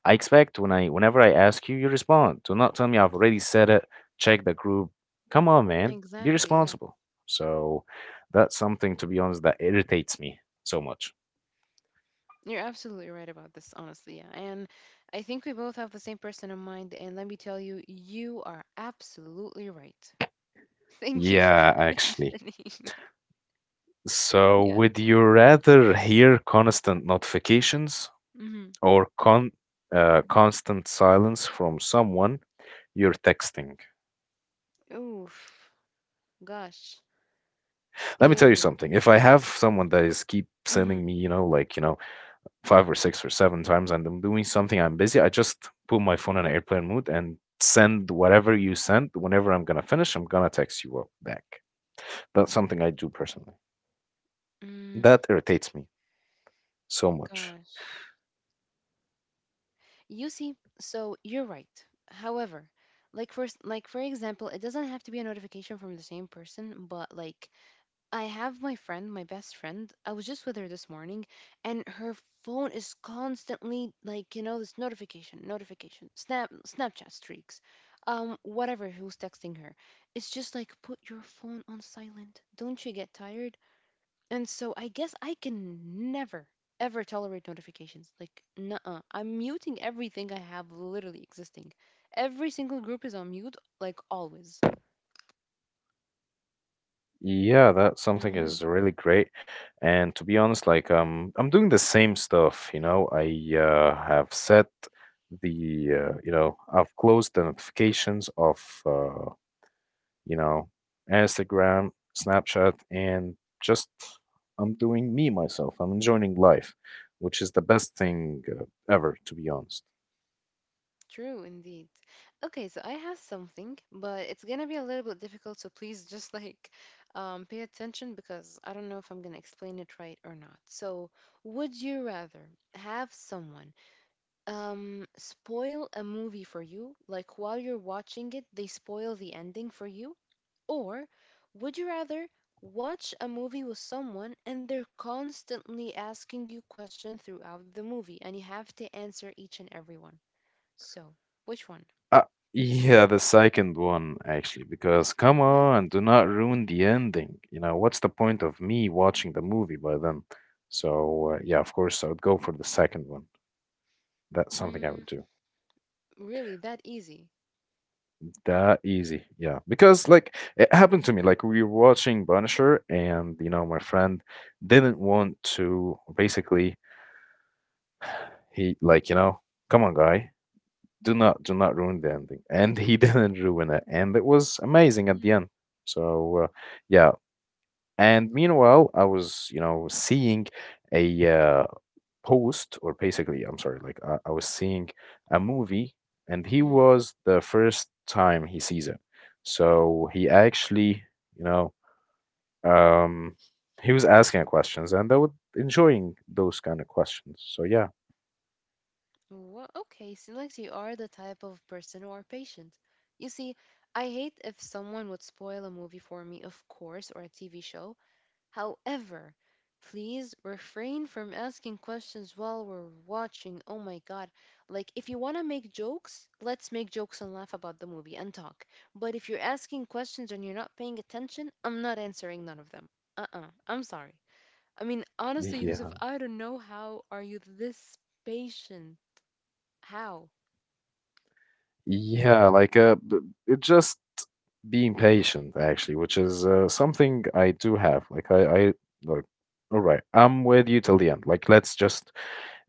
Speaker 1: I expect when I whenever I ask you, you respond. Do not tell me I've already said it. Check the group. Come on, man. Be
Speaker 2: Exactly. Yeah.
Speaker 1: responsible. So that's something, to be honest, that irritates me so much.
Speaker 2: You're absolutely right about this, honestly. Yeah. And I think we both have the same person in mind. And let me tell you, you are absolutely right. Thank you for
Speaker 1: Yeah, actually.
Speaker 2: mentioning that.
Speaker 1: So
Speaker 2: Yeah.
Speaker 1: would you rather hear constant notifications
Speaker 2: Mm-hmm.
Speaker 1: or con uh, constant silence from someone you're texting?
Speaker 2: Oof. Gosh.
Speaker 1: Let me tell you
Speaker 2: Ew.
Speaker 1: something. If I have someone that is keep sending
Speaker 2: Mm-hmm.
Speaker 1: me, you know, like, you know, five or six or seven times and I'm doing something, I'm busy, I just put my phone in airplane mode and send whatever you send. Whenever I'm gonna finish, I'm gonna text you up back. That's something I do personally.
Speaker 2: Mm,
Speaker 1: That irritates me so much.
Speaker 2: gosh. You see, so you're right. However, like for s- like for example, it doesn't have to be a notification from the same person, but like I have my friend, my best friend. I was just with her this morning, and her phone is constantly like, you know, this notification, notification, snap, Snapchat streaks, um, whatever. Who's texting her? It's just like put your phone on silent. Don't you get tired? And so I guess I can never ever tolerate notifications. Like, nuh-uh. I'm muting everything I have literally existing. Every single group is on mute, like always.
Speaker 1: Yeah, that something
Speaker 2: Mhm.
Speaker 1: is really great. And to be honest, like um, I'm doing the same stuff. You know, I uh, have set the uh, you know, I've closed the notifications of uh, you know, Instagram, Snapchat, and just I'm doing me myself. I'm enjoying life, which is the best thing uh, ever, to be honest.
Speaker 2: True, indeed. Okay, so I have something, but it's gonna be a little bit difficult, so please just like um, pay attention because I don't know if I'm gonna explain it right or not. So, would you rather have someone um, spoil a movie for you, like while you're watching it, they spoil the ending for you, or would you rather watch a movie with someone and they're constantly asking you questions throughout the movie and you have to answer each and every one? So, which one?
Speaker 1: Uh, yeah, the second one, actually, because come
Speaker 2: What?
Speaker 1: on, do not ruin the ending. You know, what's the point of me watching the movie by then? So, uh, yeah, of course, I would go for the second one. That's something I
Speaker 2: Mm,
Speaker 1: would do.
Speaker 2: really, that easy?
Speaker 1: That easy, yeah. Because like it happened to me, like we were watching Punisher, and you know my friend didn't want to. Basically, he like, you know, come on, guy, do not do not ruin the ending, and he didn't ruin it, and it was amazing at the
Speaker 2: Mhm.
Speaker 1: end. So uh, yeah, and meanwhile, I was, you know, seeing a uh, post, or basically I'm sorry, like I, I was seeing a movie, and he
Speaker 2: Mm.
Speaker 1: was the first time he sees it, so he actually, you know, um he was asking questions, and I was enjoying those kind of questions, so yeah.
Speaker 2: Well, okay, seems like you are the type of person who are patient. You see, I hate if someone would spoil a movie for me, of course, or a T V show. However, please refrain from asking questions while we're watching. Oh my God. Like, if you want to make jokes, let's make jokes and laugh about the movie and talk. But if you're asking questions and you're not paying attention, I'm not answering none of them. Uh-uh. I'm sorry. I mean, honestly, Yusuf,
Speaker 1: Yeah,
Speaker 2: I don't know how are you this patient? How?
Speaker 1: yeah, like uh b- it just being patient actually, which is uh, something I do have. Like i i like, all right, I'm with you till the end, like let's just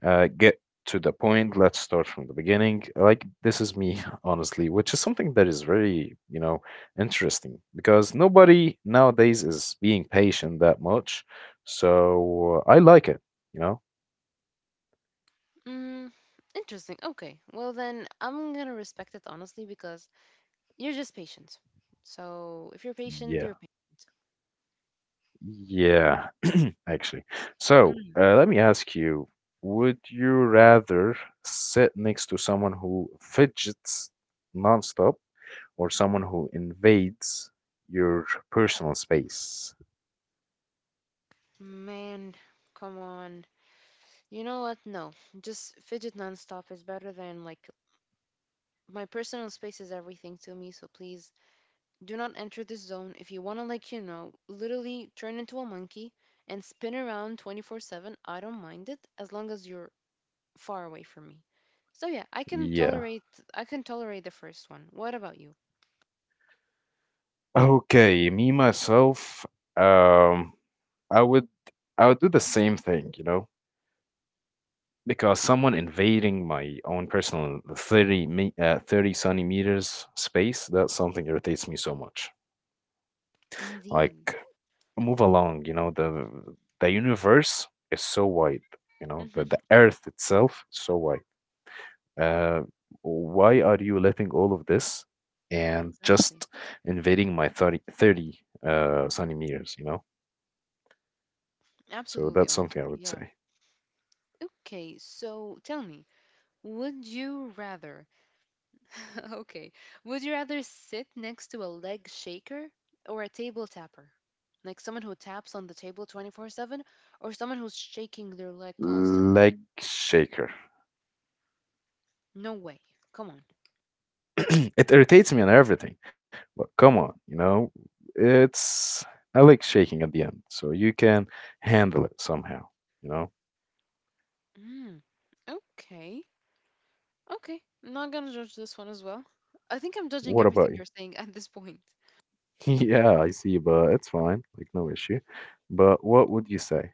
Speaker 1: uh, get to the point. Let's start from the beginning. Like, this is me, honestly, which is something that is very, you know, interesting because nobody nowadays is being patient that much. So uh, I like it, you know?
Speaker 2: Mm, interesting. Okay. Well, then I'm gonna respect it honestly because you're just patient. So if you're patient,
Speaker 1: Yeah.
Speaker 2: you're patient.
Speaker 1: Yeah, actually. So
Speaker 2: Mm,
Speaker 1: uh, let me ask you, would you rather sit next to someone who fidgets nonstop or someone who invades your personal space?
Speaker 2: man, come on. You know what? No, just fidget nonstop is better than like my personal space is everything to me. So please do not enter this zone. If you want to, like, you know, literally turn into a monkey and spin around twenty four seven, I don't mind it as long as you're far away from me. So yeah, I can
Speaker 1: Yeah.
Speaker 2: tolerate. I can tolerate the first one. What about you?
Speaker 1: Okay, me myself, um, I would I would do the same thing, you know, because someone invading my own personal thirty me uh, thirty sunny meters space, that's something irritates me so much. Like
Speaker 2: Indeed.
Speaker 1: move along, you know, the the universe is so wide, you know, the, the
Speaker 2: Hmm
Speaker 1: earth itself is so wide. Uh, why are you letting all of this and
Speaker 2: Exactly.
Speaker 1: just invading my thirty thirty uh sunny meters, you know? So
Speaker 2: Absolutely.
Speaker 1: that's something I
Speaker 2: Honestly.
Speaker 1: would
Speaker 2: Yeah.
Speaker 1: say.
Speaker 2: Okay. So tell me, would you rather okay. Would you rather sit next to a leg shaker or a table tapper? Like someone who taps on the table twenty four seven or someone who's shaking their leg constantly?
Speaker 1: Leg shaker.
Speaker 2: No way. Come on.
Speaker 1: It irritates me and everything, but come on, you know, it's, I like shaking at the end, so you can handle it somehow, you know.
Speaker 2: Mm, okay. Okay. Not gonna judge this one as well. I think I'm judging
Speaker 1: What about
Speaker 2: everything
Speaker 1: you?
Speaker 2: you're saying at this point.
Speaker 1: yeah, I see, but it's fine, like no issue. But what would you say?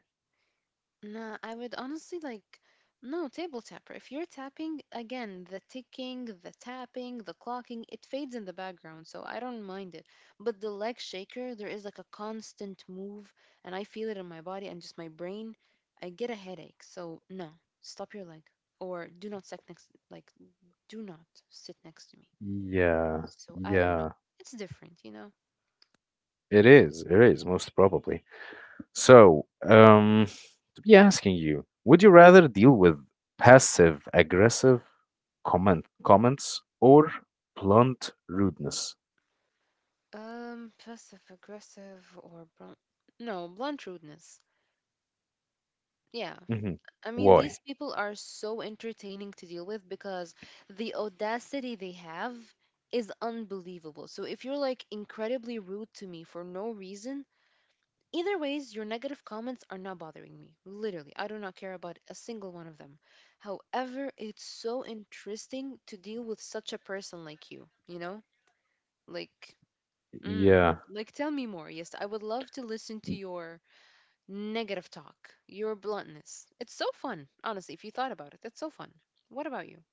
Speaker 2: No, I would honestly like no table tapper. If you're tapping again, the ticking, the tapping, the clocking, it fades in the background, so I don't mind it. But the leg shaker, there is like a constant move, and I feel it in my body and just my brain. I get a headache, so no, stop your leg or do not sit next, like do not sit next to me.
Speaker 1: Yeah,
Speaker 2: So I don't know.
Speaker 1: yeah.
Speaker 2: It's different, you know.
Speaker 1: It is, it is, most probably. So, um, to be asking you, would you rather deal with passive aggressive comment comments or blunt rudeness?
Speaker 2: Um, passive aggressive or blunt. No, blunt rudeness. Yeah,
Speaker 1: Hmm.
Speaker 2: I mean,
Speaker 1: Why?
Speaker 2: these people are so entertaining to deal with because the audacity they have is unbelievable. So if you're like incredibly rude to me for no reason, either ways, your negative comments are not bothering me. Literally, I do not care about a single one of them. However, it's so interesting to deal with such a person like you, you know? Like, mm,
Speaker 1: Yeah,
Speaker 2: like tell me more. Yes, I would love to listen to your negative talk, your bluntness. It's so fun, honestly, if you thought about it. It's so fun. What about you?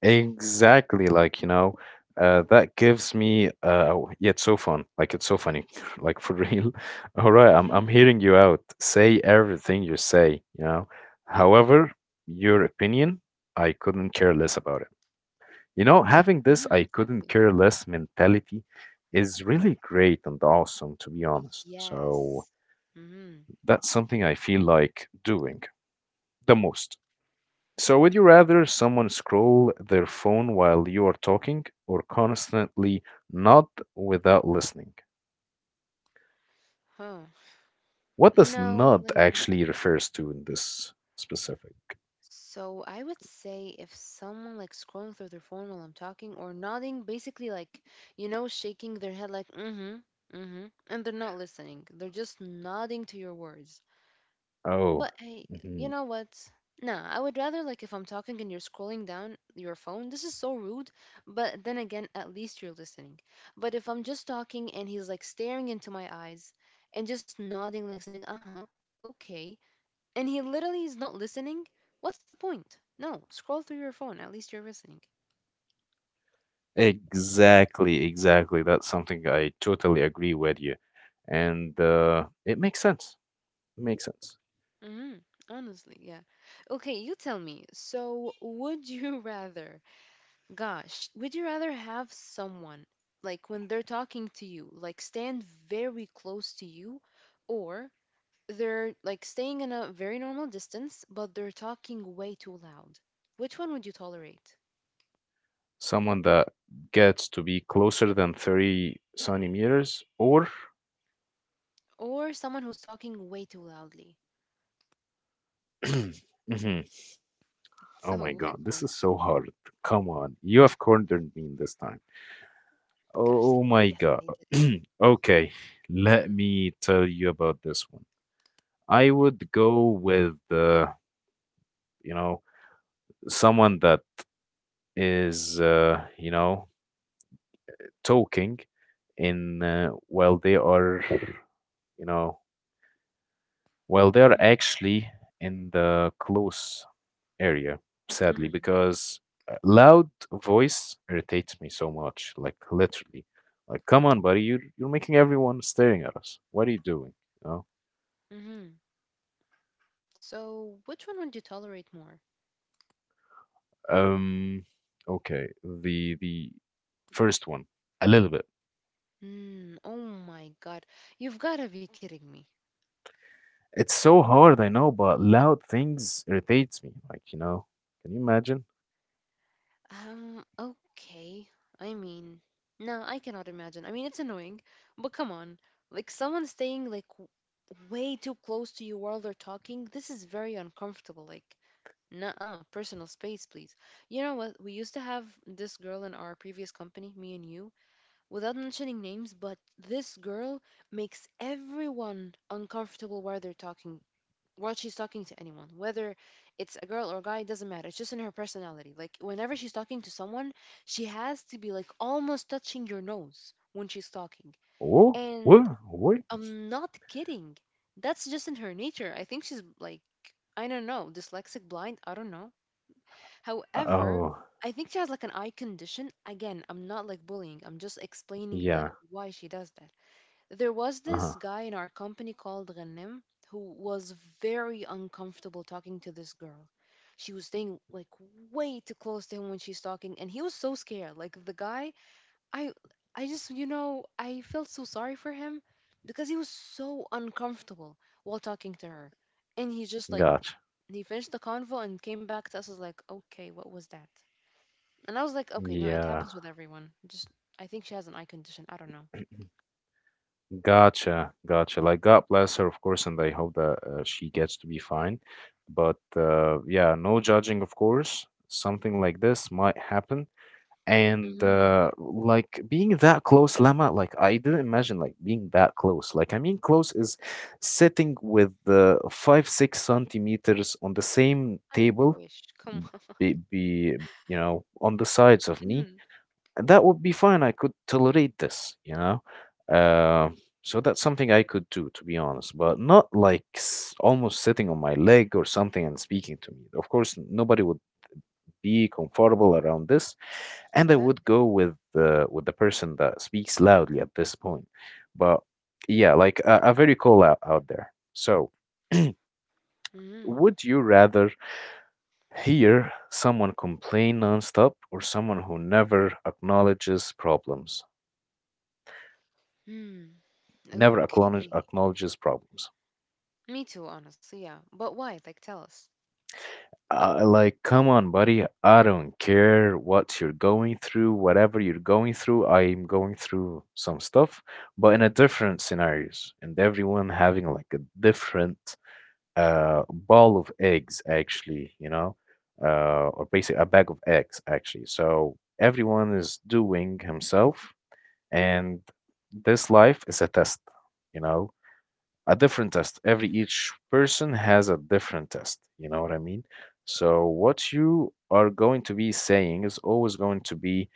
Speaker 1: exactly. Like, you know, uh, that gives me, uh, oh, yeah, it's so fun. Like, it's so funny. Like, for real. All right, I'm,
Speaker 2: Hmm
Speaker 1: I'm hearing you out. Say everything you say, you know. However, your opinion, I couldn't care less about it. You know, having this
Speaker 2: hmm
Speaker 1: I couldn't
Speaker 2: exactly.
Speaker 1: care less mentality is really great and awesome, to be honest. So
Speaker 2: Yes. Mm-hmm.
Speaker 1: that's something I feel like doing the most. So, would you rather someone scroll their phone while you are talking or constantly nod without listening?
Speaker 2: Huh.
Speaker 1: What does
Speaker 2: No,
Speaker 1: nod
Speaker 2: like,
Speaker 1: actually refers to in this specific?
Speaker 2: so I would say if someone like scrolling through their phone while I'm talking or nodding, basically like, you know, shaking their head like, mm-hmm, mm-hmm, and they're not listening. They're just nodding to your words.
Speaker 1: Oh,
Speaker 2: But hey, you
Speaker 1: mhm.
Speaker 2: know what? Nah, I would rather like if I'm talking and you're scrolling down your phone. This is so rude, but then again, at least you're listening. But if I'm just talking and he's like staring into my eyes and just nodding, like saying, uh huh, okay, and he literally is not listening, what's the point? No, scroll through your phone. At least you're listening.
Speaker 1: Exactly, exactly. That's something I totally agree with you. And uh, it makes sense. Makes sense.
Speaker 2: Mm-hmm. Honestly, yeah. Okay, you tell me. So, would you rather gosh, would you rather have someone like when they're talking to you, like stand very close to you, or they're like staying in a very normal distance, but they're talking way too loud? Which one would you tolerate?
Speaker 1: Someone that gets to be closer than thirty centimeters or.
Speaker 2: Or someone who's talking way too loudly?
Speaker 1: Mhm. Oh my
Speaker 2: So,
Speaker 1: god,
Speaker 2: which
Speaker 1: this
Speaker 2: one?
Speaker 1: is so hard. Come on, you have cornered me this time.
Speaker 2: Gosh,
Speaker 1: Oh my
Speaker 2: yes,
Speaker 1: god.
Speaker 2: they did.
Speaker 1: Okay, let
Speaker 2: Mm,
Speaker 1: me tell you about this one. I would go with, uh, you know, someone that is uh, you know, talking in, uh, while they are, you know, while they are
Speaker 2: mm,
Speaker 1: actually in the close area,
Speaker 2: mm,
Speaker 1: sadly,
Speaker 2: mm.
Speaker 1: because uh, loud voice irritates me so much, like literally, like come on buddy, you're, you're making everyone staring at us, what are you doing, you know?
Speaker 2: mhm. So, which one would you tolerate more?
Speaker 1: um okay, the the first one a little bit.
Speaker 2: Mm, oh my God, you've got to be kidding me.
Speaker 1: It's so hard, I know, but loud things irritates me, like you know, can you imagine.
Speaker 2: Um, okay. I mean, no, I cannot imagine. I mean, it's annoying, but come on. Like, someone staying, like, w- way too close to you while they're talking, this is very uncomfortable. Like, nuh-uh, personal space, please. You know what? We used to have this girl in our previous company, me and you, without mentioning names, but this girl makes everyone uncomfortable while they're talking while she's talking to anyone, whether it's a girl or a guy. It doesn't matter, it's just in her personality. Like, whenever she's talking to someone, she has to be like almost touching your nose when she's talking,
Speaker 1: Oh, oui,
Speaker 2: and
Speaker 1: oui.
Speaker 2: I'm not kidding. That's just in her nature. I think she's like, I don't know, dyslexic, blind, I don't know. However,
Speaker 1: Oh,
Speaker 2: I think she has like an eye condition. Again, I'm not like bullying, I'm just explaining the
Speaker 1: yeah.
Speaker 2: why she does that. There was
Speaker 1: Uh-huh.
Speaker 2: this guy in our company called Ghanem who was very uncomfortable talking to this girl. She was staying like way too close to him when she's talking, and he was so scared. Like the guy, I, I just, you know, I felt so sorry for him because he was so uncomfortable while talking to her, and he just like
Speaker 1: Gotcha.
Speaker 2: he finished the convo and came back to us was like, okay, what was that? And I was like, okay, no, it
Speaker 1: Yeah.
Speaker 2: happens with everyone. Just I think she has an eye condition. I don't know.
Speaker 1: Gotcha. Gotcha. Like, God bless her, of course, and I hope that uh, she gets to be fine. But uh, yeah, no judging, of course. Something like this might happen. And
Speaker 2: Hmm.
Speaker 1: uh, like being that close, Lama, like I didn't imagine like being that close. Like I mean, close is sitting with the five, six centimeters on the same
Speaker 2: I
Speaker 1: table,
Speaker 2: wish. Come on.
Speaker 1: be be you know, on the sides of me,
Speaker 2: Mm,
Speaker 1: and that would be fine, I could tolerate this, you know. uh, so that's something I could do, to be honest, but not like s- almost sitting on my leg or something and speaking to me. Of course nobody would be comfortable around this, and I would
Speaker 2: exactly.
Speaker 1: go with the, with the person that speaks loudly at this point. But yeah, like a, a very call out out there. So
Speaker 2: Mm,
Speaker 1: would you rather, here, someone complain nonstop or someone who never acknowledges problems.
Speaker 2: mm,
Speaker 1: Never acknowledge,
Speaker 2: okay.
Speaker 1: acknowledges problems.
Speaker 2: Me too, honestly, yeah. But why? Like, tell us.
Speaker 1: Uh, like, come on, buddy. I don't care what you're going through, whatever you're going through. I'm going through some stuff, but in a different scenarios, and everyone having like a different uh, ball of eggs, actually, you know, uh, or basically a bag of eggs, actually. So everyone is doing himself and this life is a test, you know a different test, every
Speaker 2: Mm.
Speaker 1: each person has a different test, you know what I mean? So what you are going to be saying is always going to be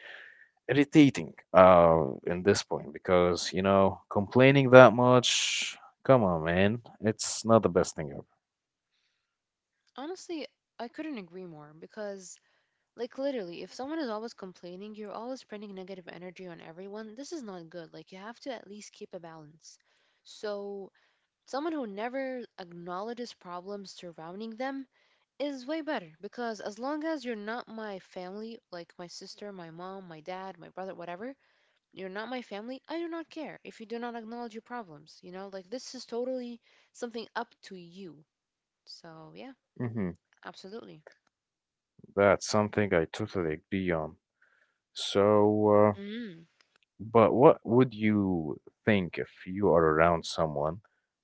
Speaker 1: irritating uh in this point because, you know complaining that much, come on man, it's not the best thing ever.
Speaker 2: Honestly, I couldn't agree more because, like, literally, if someone is always complaining, you're always spreading negative energy on everyone. This is not good. Like, you have to at least keep a balance. So, someone who never acknowledges problems surrounding them is way better because as long as you're not my family, like my sister, my mom, my dad, my brother, whatever, you're not my family. I do not care if you do not acknowledge your problems. You know, like this is totally something up to you. So, yeah,
Speaker 1: Hmm.
Speaker 2: absolutely.
Speaker 1: That's something I totally agree on. So, uh,
Speaker 2: Mm.
Speaker 1: but what would you think if you are around someone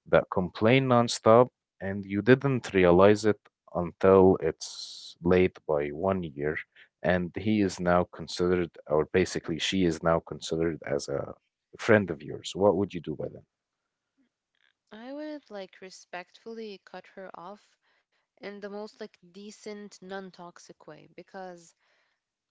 Speaker 1: that complained nonstop and you didn't realize it until it's late by one year, and he is now considered, or basically she is now considered as a friend of yours? What would you do by then?
Speaker 2: I would like respectfully cut her off in the most like decent, non toxic way because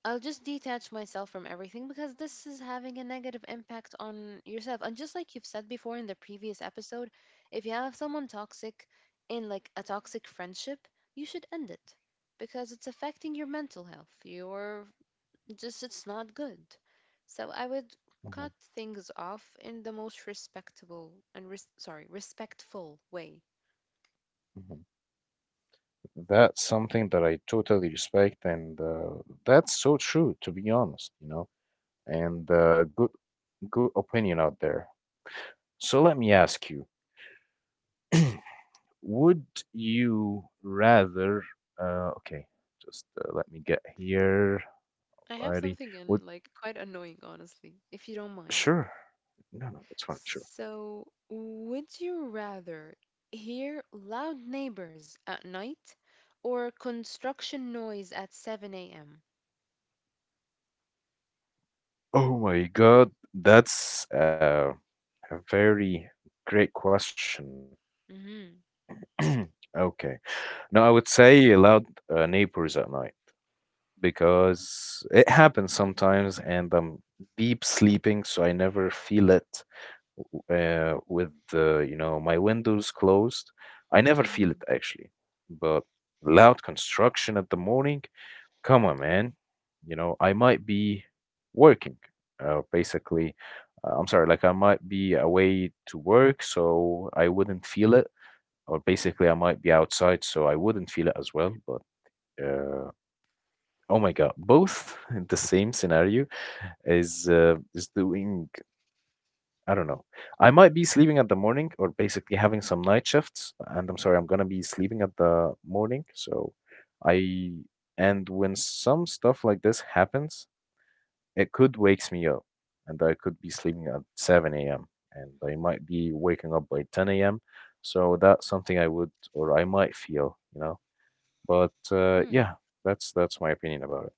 Speaker 2: I'll just detach myself from everything because this is having a negative impact on yourself. And just like you've said before in the previous episode, if you have someone toxic in like a toxic friendship, you should end it because it's affecting your mental health. You're just it's not good. So I would cut
Speaker 1: Mhm.
Speaker 2: things off in the most respectable and res- sorry, respectful way.
Speaker 1: Mhm. That's something that I totally respect, and uh, that's so true, to be honest, you know. And uh, good good opinion out there. So let me ask you: Would you rather? Uh, okay, just uh, let me get here.
Speaker 2: I have
Speaker 1: Righty.
Speaker 2: something in
Speaker 1: Would
Speaker 2: like quite annoying honestly, if you don't mind.
Speaker 1: sure? No, no, it's fine. Sure.
Speaker 2: So, would you rather hear loud neighbors at night or construction noise at seven a m?
Speaker 1: Oh my God, that's uh, a very great question.
Speaker 2: Mm-hmm.
Speaker 1: Okay. No, I would say loud uh, neighbors at night because it happens sometimes
Speaker 2: Okay.
Speaker 1: and I'm deep sleeping, so I never feel it. uh, with uh, you know my windows closed. I never feel it
Speaker 2: Mm-hmm.
Speaker 1: actually, but loud construction at the morning. Come on, man. You know I might be working. Uh, basically, uh, I'm sorry. Like I might be away to work, so I wouldn't feel it. Or basically, I might be outside, so I wouldn't feel it as well. But uh, oh my God, both in the same scenario is uh, is doing, I don't know. I might be sleeping at the morning or basically having some night shifts. And I'm sorry, I'm gonna be sleeping at the morning. So I, and when some stuff like this happens, it could wakes me up and I could be sleeping at seven a m and I might be waking up by ten a m. So that's something I would, or I might feel, you know. But uh,
Speaker 2: Hmm.
Speaker 1: yeah, that's that's my opinion about it.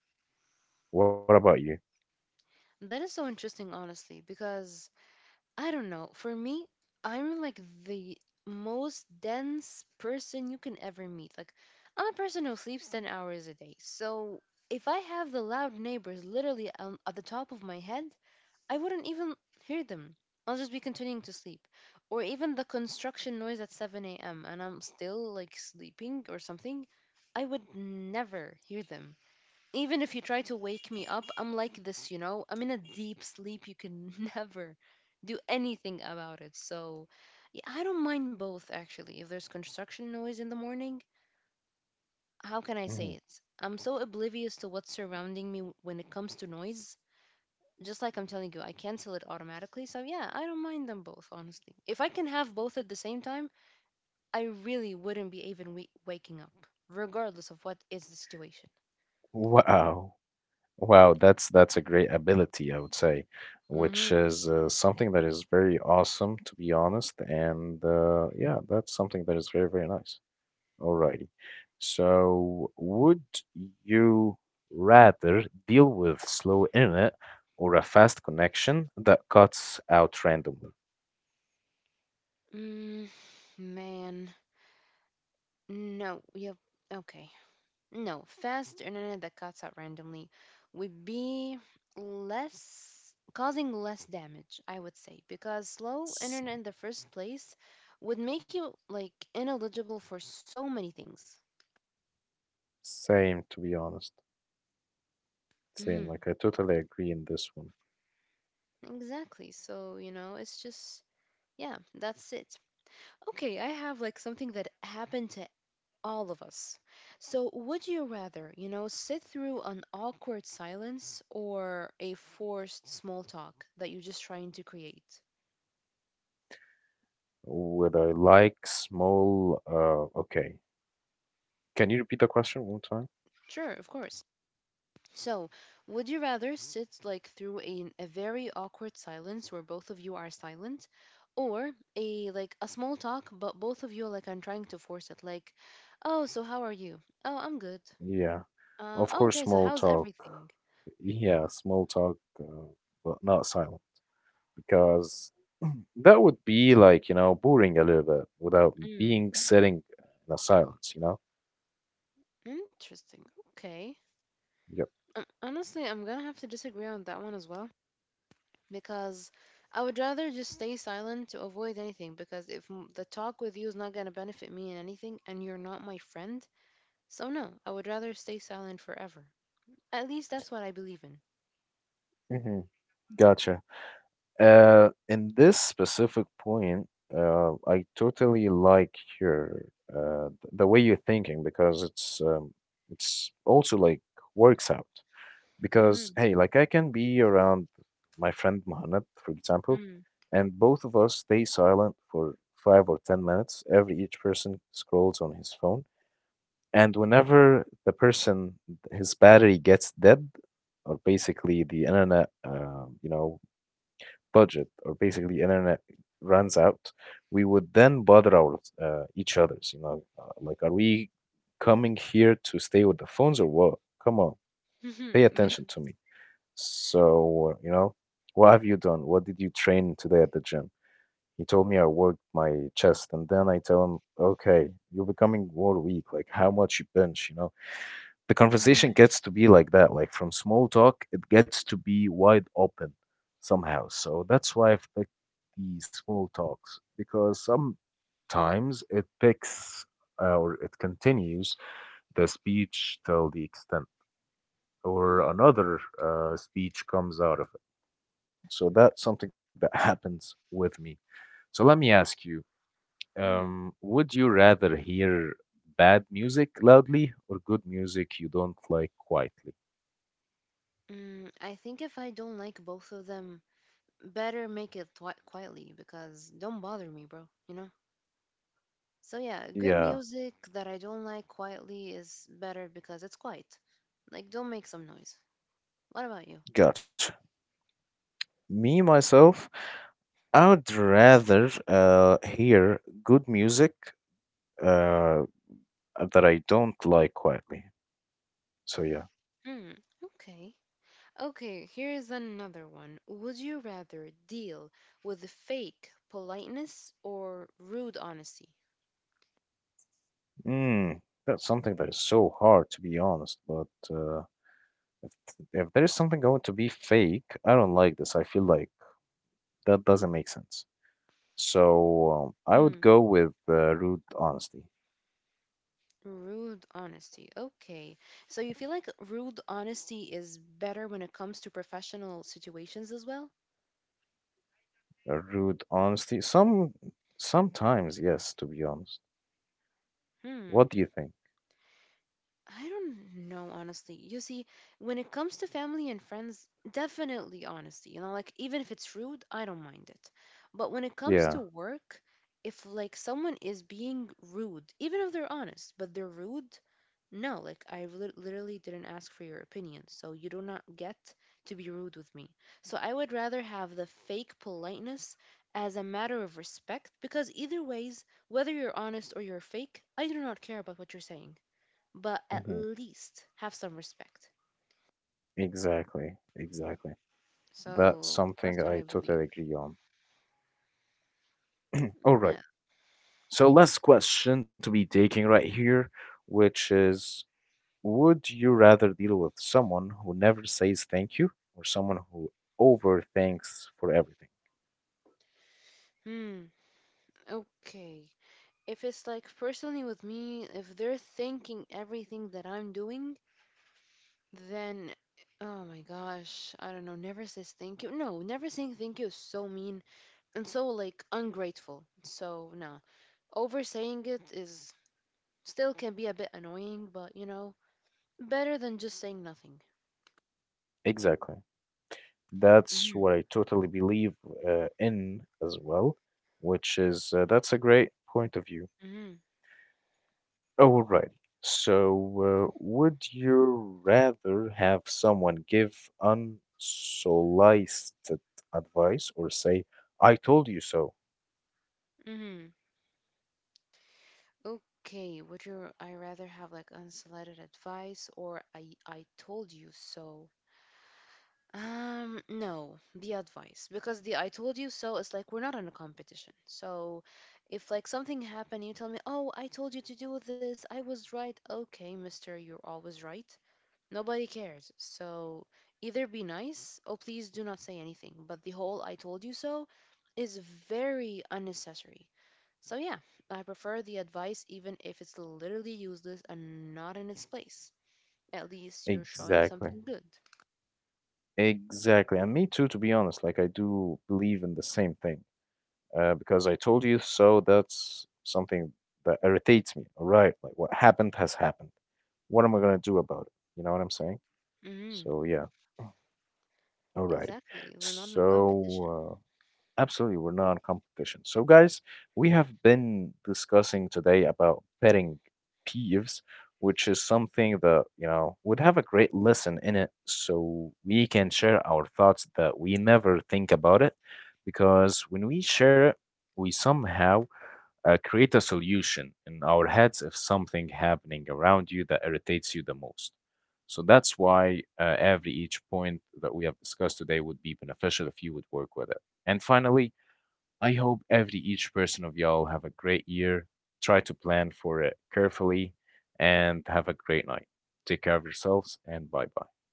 Speaker 1: What about you?
Speaker 2: That is so interesting, honestly, because I don't know. For me, I'm like the most dense person you can ever meet. Like, I'm a person who sleeps ten hours a day. So, if I have the loud neighbors literally um, at the top of my head, I wouldn't even hear them. I'll just be continuing to sleep. Or even the construction noise at seven a m and I'm still like sleeping or something. I would never hear them. Even if you try to wake me up, I'm like this, you know? I'm in a deep sleep. You can never do anything about it. So, yeah, I don't mind both actually. If there's construction noise in the morning, how can I
Speaker 1: Mhm.
Speaker 2: say it? I'm so oblivious to what's surrounding me when it comes to noise, just like I'm telling you, I cancel it automatically. So yeah, I don't mind them both, honestly. If I can have both at the same time, I really wouldn't be even we- waking up, regardless of what is the situation.
Speaker 1: Wow. Wow, that's that's a great ability, I would say, which
Speaker 2: Mm-hmm.
Speaker 1: is uh, something that is very awesome, to be honest. And uh, yeah, that's something that is very, very nice. Alrighty. So, would you rather deal with slow internet or a fast connection that cuts out randomly?
Speaker 2: Mm, man, no. Yep. Okay. No, fast internet that cuts out randomly would be less causing less damage, I would say, because slow
Speaker 1: S-
Speaker 2: internet in the first place would make you like ineligible for so many things.
Speaker 1: Same, to be honest. Same.
Speaker 2: Mhm.
Speaker 1: Like, I totally agree in this one.
Speaker 2: Exactly. So, you know, it's just, yeah, that's it. Okay, I have like something that happened to all of us. So, would you rather, you know, sit through an awkward silence or a forced small talk that you're just trying to create?
Speaker 1: Would I like small? Uh, okay. Can you repeat the question one more time?
Speaker 2: Sure, of course. So, would you rather sit like through a, a very awkward silence where both of you are silent, or a like a small talk but both of you are like I'm trying to force it like, "Oh, so how are you?" "Oh, I'm good."
Speaker 1: Yeah,
Speaker 2: Um,
Speaker 1: of
Speaker 2: oh,
Speaker 1: course,
Speaker 2: okay, so
Speaker 1: small
Speaker 2: how's
Speaker 1: talk.
Speaker 2: everything?
Speaker 1: Yeah, small talk, uh, but not silent because that would be like, you know, boring a little bit without
Speaker 2: Mm,
Speaker 1: being sitting in a silence, you know?
Speaker 2: interesting. Okay.
Speaker 1: Yep.
Speaker 2: Um, honestly, I'm gonna have to disagree on that one as well because I would rather just stay silent to avoid anything because if m- the talk with you is not gonna benefit me in anything and you're not my friend, so no, I would rather stay silent forever. At least that's what I believe in.
Speaker 1: Hmm. Gotcha. Uh, in this specific point, uh, I totally like your uh, th- the way you're thinking because it's um, it's also like works out. Because
Speaker 2: Mm-hmm.
Speaker 1: hey, like I can be around my friend Mohammed for example,
Speaker 2: Mm-hmm.
Speaker 1: and both of us stay silent for five or ten minutes, every each person scrolls on his phone. And whenever the person his battery gets dead or basically the internet uh, you know budget, or basically internet runs out, we would then bother our uh, each others, you know, uh, like are we coming here to stay with the phones or what? Come on, pay
Speaker 2: Yes.
Speaker 1: attention to me. So, you know, what have you done? What did you train today at the gym? He told me I worked my chest, and then I tell him, okay, you're becoming more weak. Like, how much you bench, you know? The conversation
Speaker 2: Mm-hmm.
Speaker 1: gets to be like that. Like, from small talk, it gets to be wide open somehow. So that's why I've picked the small talks because sometimes it picks uh, or it continues the speech till the extent or
Speaker 2: Hmm.
Speaker 1: another uh,
Speaker 2: Okay.
Speaker 1: speech comes out of. So that's something that happens with me. So let me ask you,
Speaker 2: Hmm.
Speaker 1: um, would you rather hear bad music loudly or good music you don't like quietly?
Speaker 2: Mm, I think if I don't like both of them, better make it twi- quietly because don't bother me, bro, you know? So yeah, good
Speaker 1: Yeah,
Speaker 2: music that I don't like quietly is better because it's quiet. Like don't make some noise. What about you?
Speaker 1: gotcha. Me, myself, I would rather uh, hear good music uh, that I don't like quietly. So, yeah.
Speaker 2: Hmm, okay. Okay, here's another one. Would you rather deal with fake politeness or rude honesty?
Speaker 1: Mm, that's something that is so hard, to be honest. But uh, if there is something going to be fake, I don't like this. I feel like that doesn't make sense. So um, I would
Speaker 2: Mm,
Speaker 1: go with uh, rude honesty.
Speaker 2: rude honesty. Okay. So you feel like rude honesty is better when it comes to professional situations as well?
Speaker 1: Uh, rude honesty. Some sometimes, yes, to be honest.
Speaker 2: Hmm.
Speaker 1: What do you think?
Speaker 2: I don't know, honestly. You see, when it comes to family and friends, definitely honesty. You know, like even if it's rude, I don't mind it. But when it comes to
Speaker 1: Yeah.
Speaker 2: work, if like someone is being rude, even if they're honest, but they're rude, no, like I lit- literally didn't ask for your opinion, so you do not get to be rude with me. So I would rather have the fake politeness as a matter of respect because either ways, whether you're honest or you're fake, I do not care about what you're saying, but at
Speaker 1: Hmm.
Speaker 2: least have some respect.
Speaker 1: Exactly. Exactly.
Speaker 2: So
Speaker 1: That's
Speaker 2: that's
Speaker 1: something
Speaker 2: what I
Speaker 1: I
Speaker 2: believe.
Speaker 1: totally agree on. All right.
Speaker 2: Yeah.
Speaker 1: So last question to be taking right here, which is, would you rather deal with someone who never says thank you or someone who overthinks for everything?
Speaker 2: Hmm. Okay. If it's like personally with me, if they're thinking everything that I'm doing, then oh my gosh, I don't know. Never says thank you. No, never saying thank you is so mean and so like ungrateful. So no, over saying it is still can be a bit annoying, but you know, better than just saying nothing.
Speaker 1: Exactly. That's
Speaker 2: Mm-hmm.
Speaker 1: what I totally believe uh, in as well, which is uh, that's a great point of view.
Speaker 2: Mm-hmm.
Speaker 1: Alrighty. So, uh, would you rather have someone give unsolicited advice or say, I told you so?
Speaker 2: Mm-hmm. Okay, would you I rather have like unsolicited advice or I I told you so? Um, no, the advice because the I told you so is like we're not in a competition. So if like something happened, you tell me, "Oh, I told you to do this. I was right." Okay, mister, you're always right. Nobody cares. So either be nice or please do not say anything. But the whole I told you so is very unnecessary. So yeah, I prefer the advice even if it's literally useless and not in its place. At least you're showing
Speaker 1: Exactly.
Speaker 2: something good.
Speaker 1: Exactly. And me too, to be honest. Like, I do believe in the same thing. Uh, because I told you so. That's something that irritates me. All right, like what happened has happened. What am I gonna do about it? You know what I'm saying?
Speaker 2: Mm hmm
Speaker 1: So yeah, alrighty.
Speaker 2: Exactly. We're not in competition.
Speaker 1: So uh, absolutely, we're not in competition. So guys, we have been discussing today about petting peeves, which is something that you know would have a great lesson in it. So we can share our thoughts that we never think about it, because when we share it, we somehow uh, create a solution in our heads if something happening around you that irritates you the most. So that's why uh, every each point that we have discussed today would be beneficial if you would work with it. And finally, I hope every each person of y'all have a great year. Try to plan for it carefully and have a great night. Take care of yourselves and bye bye.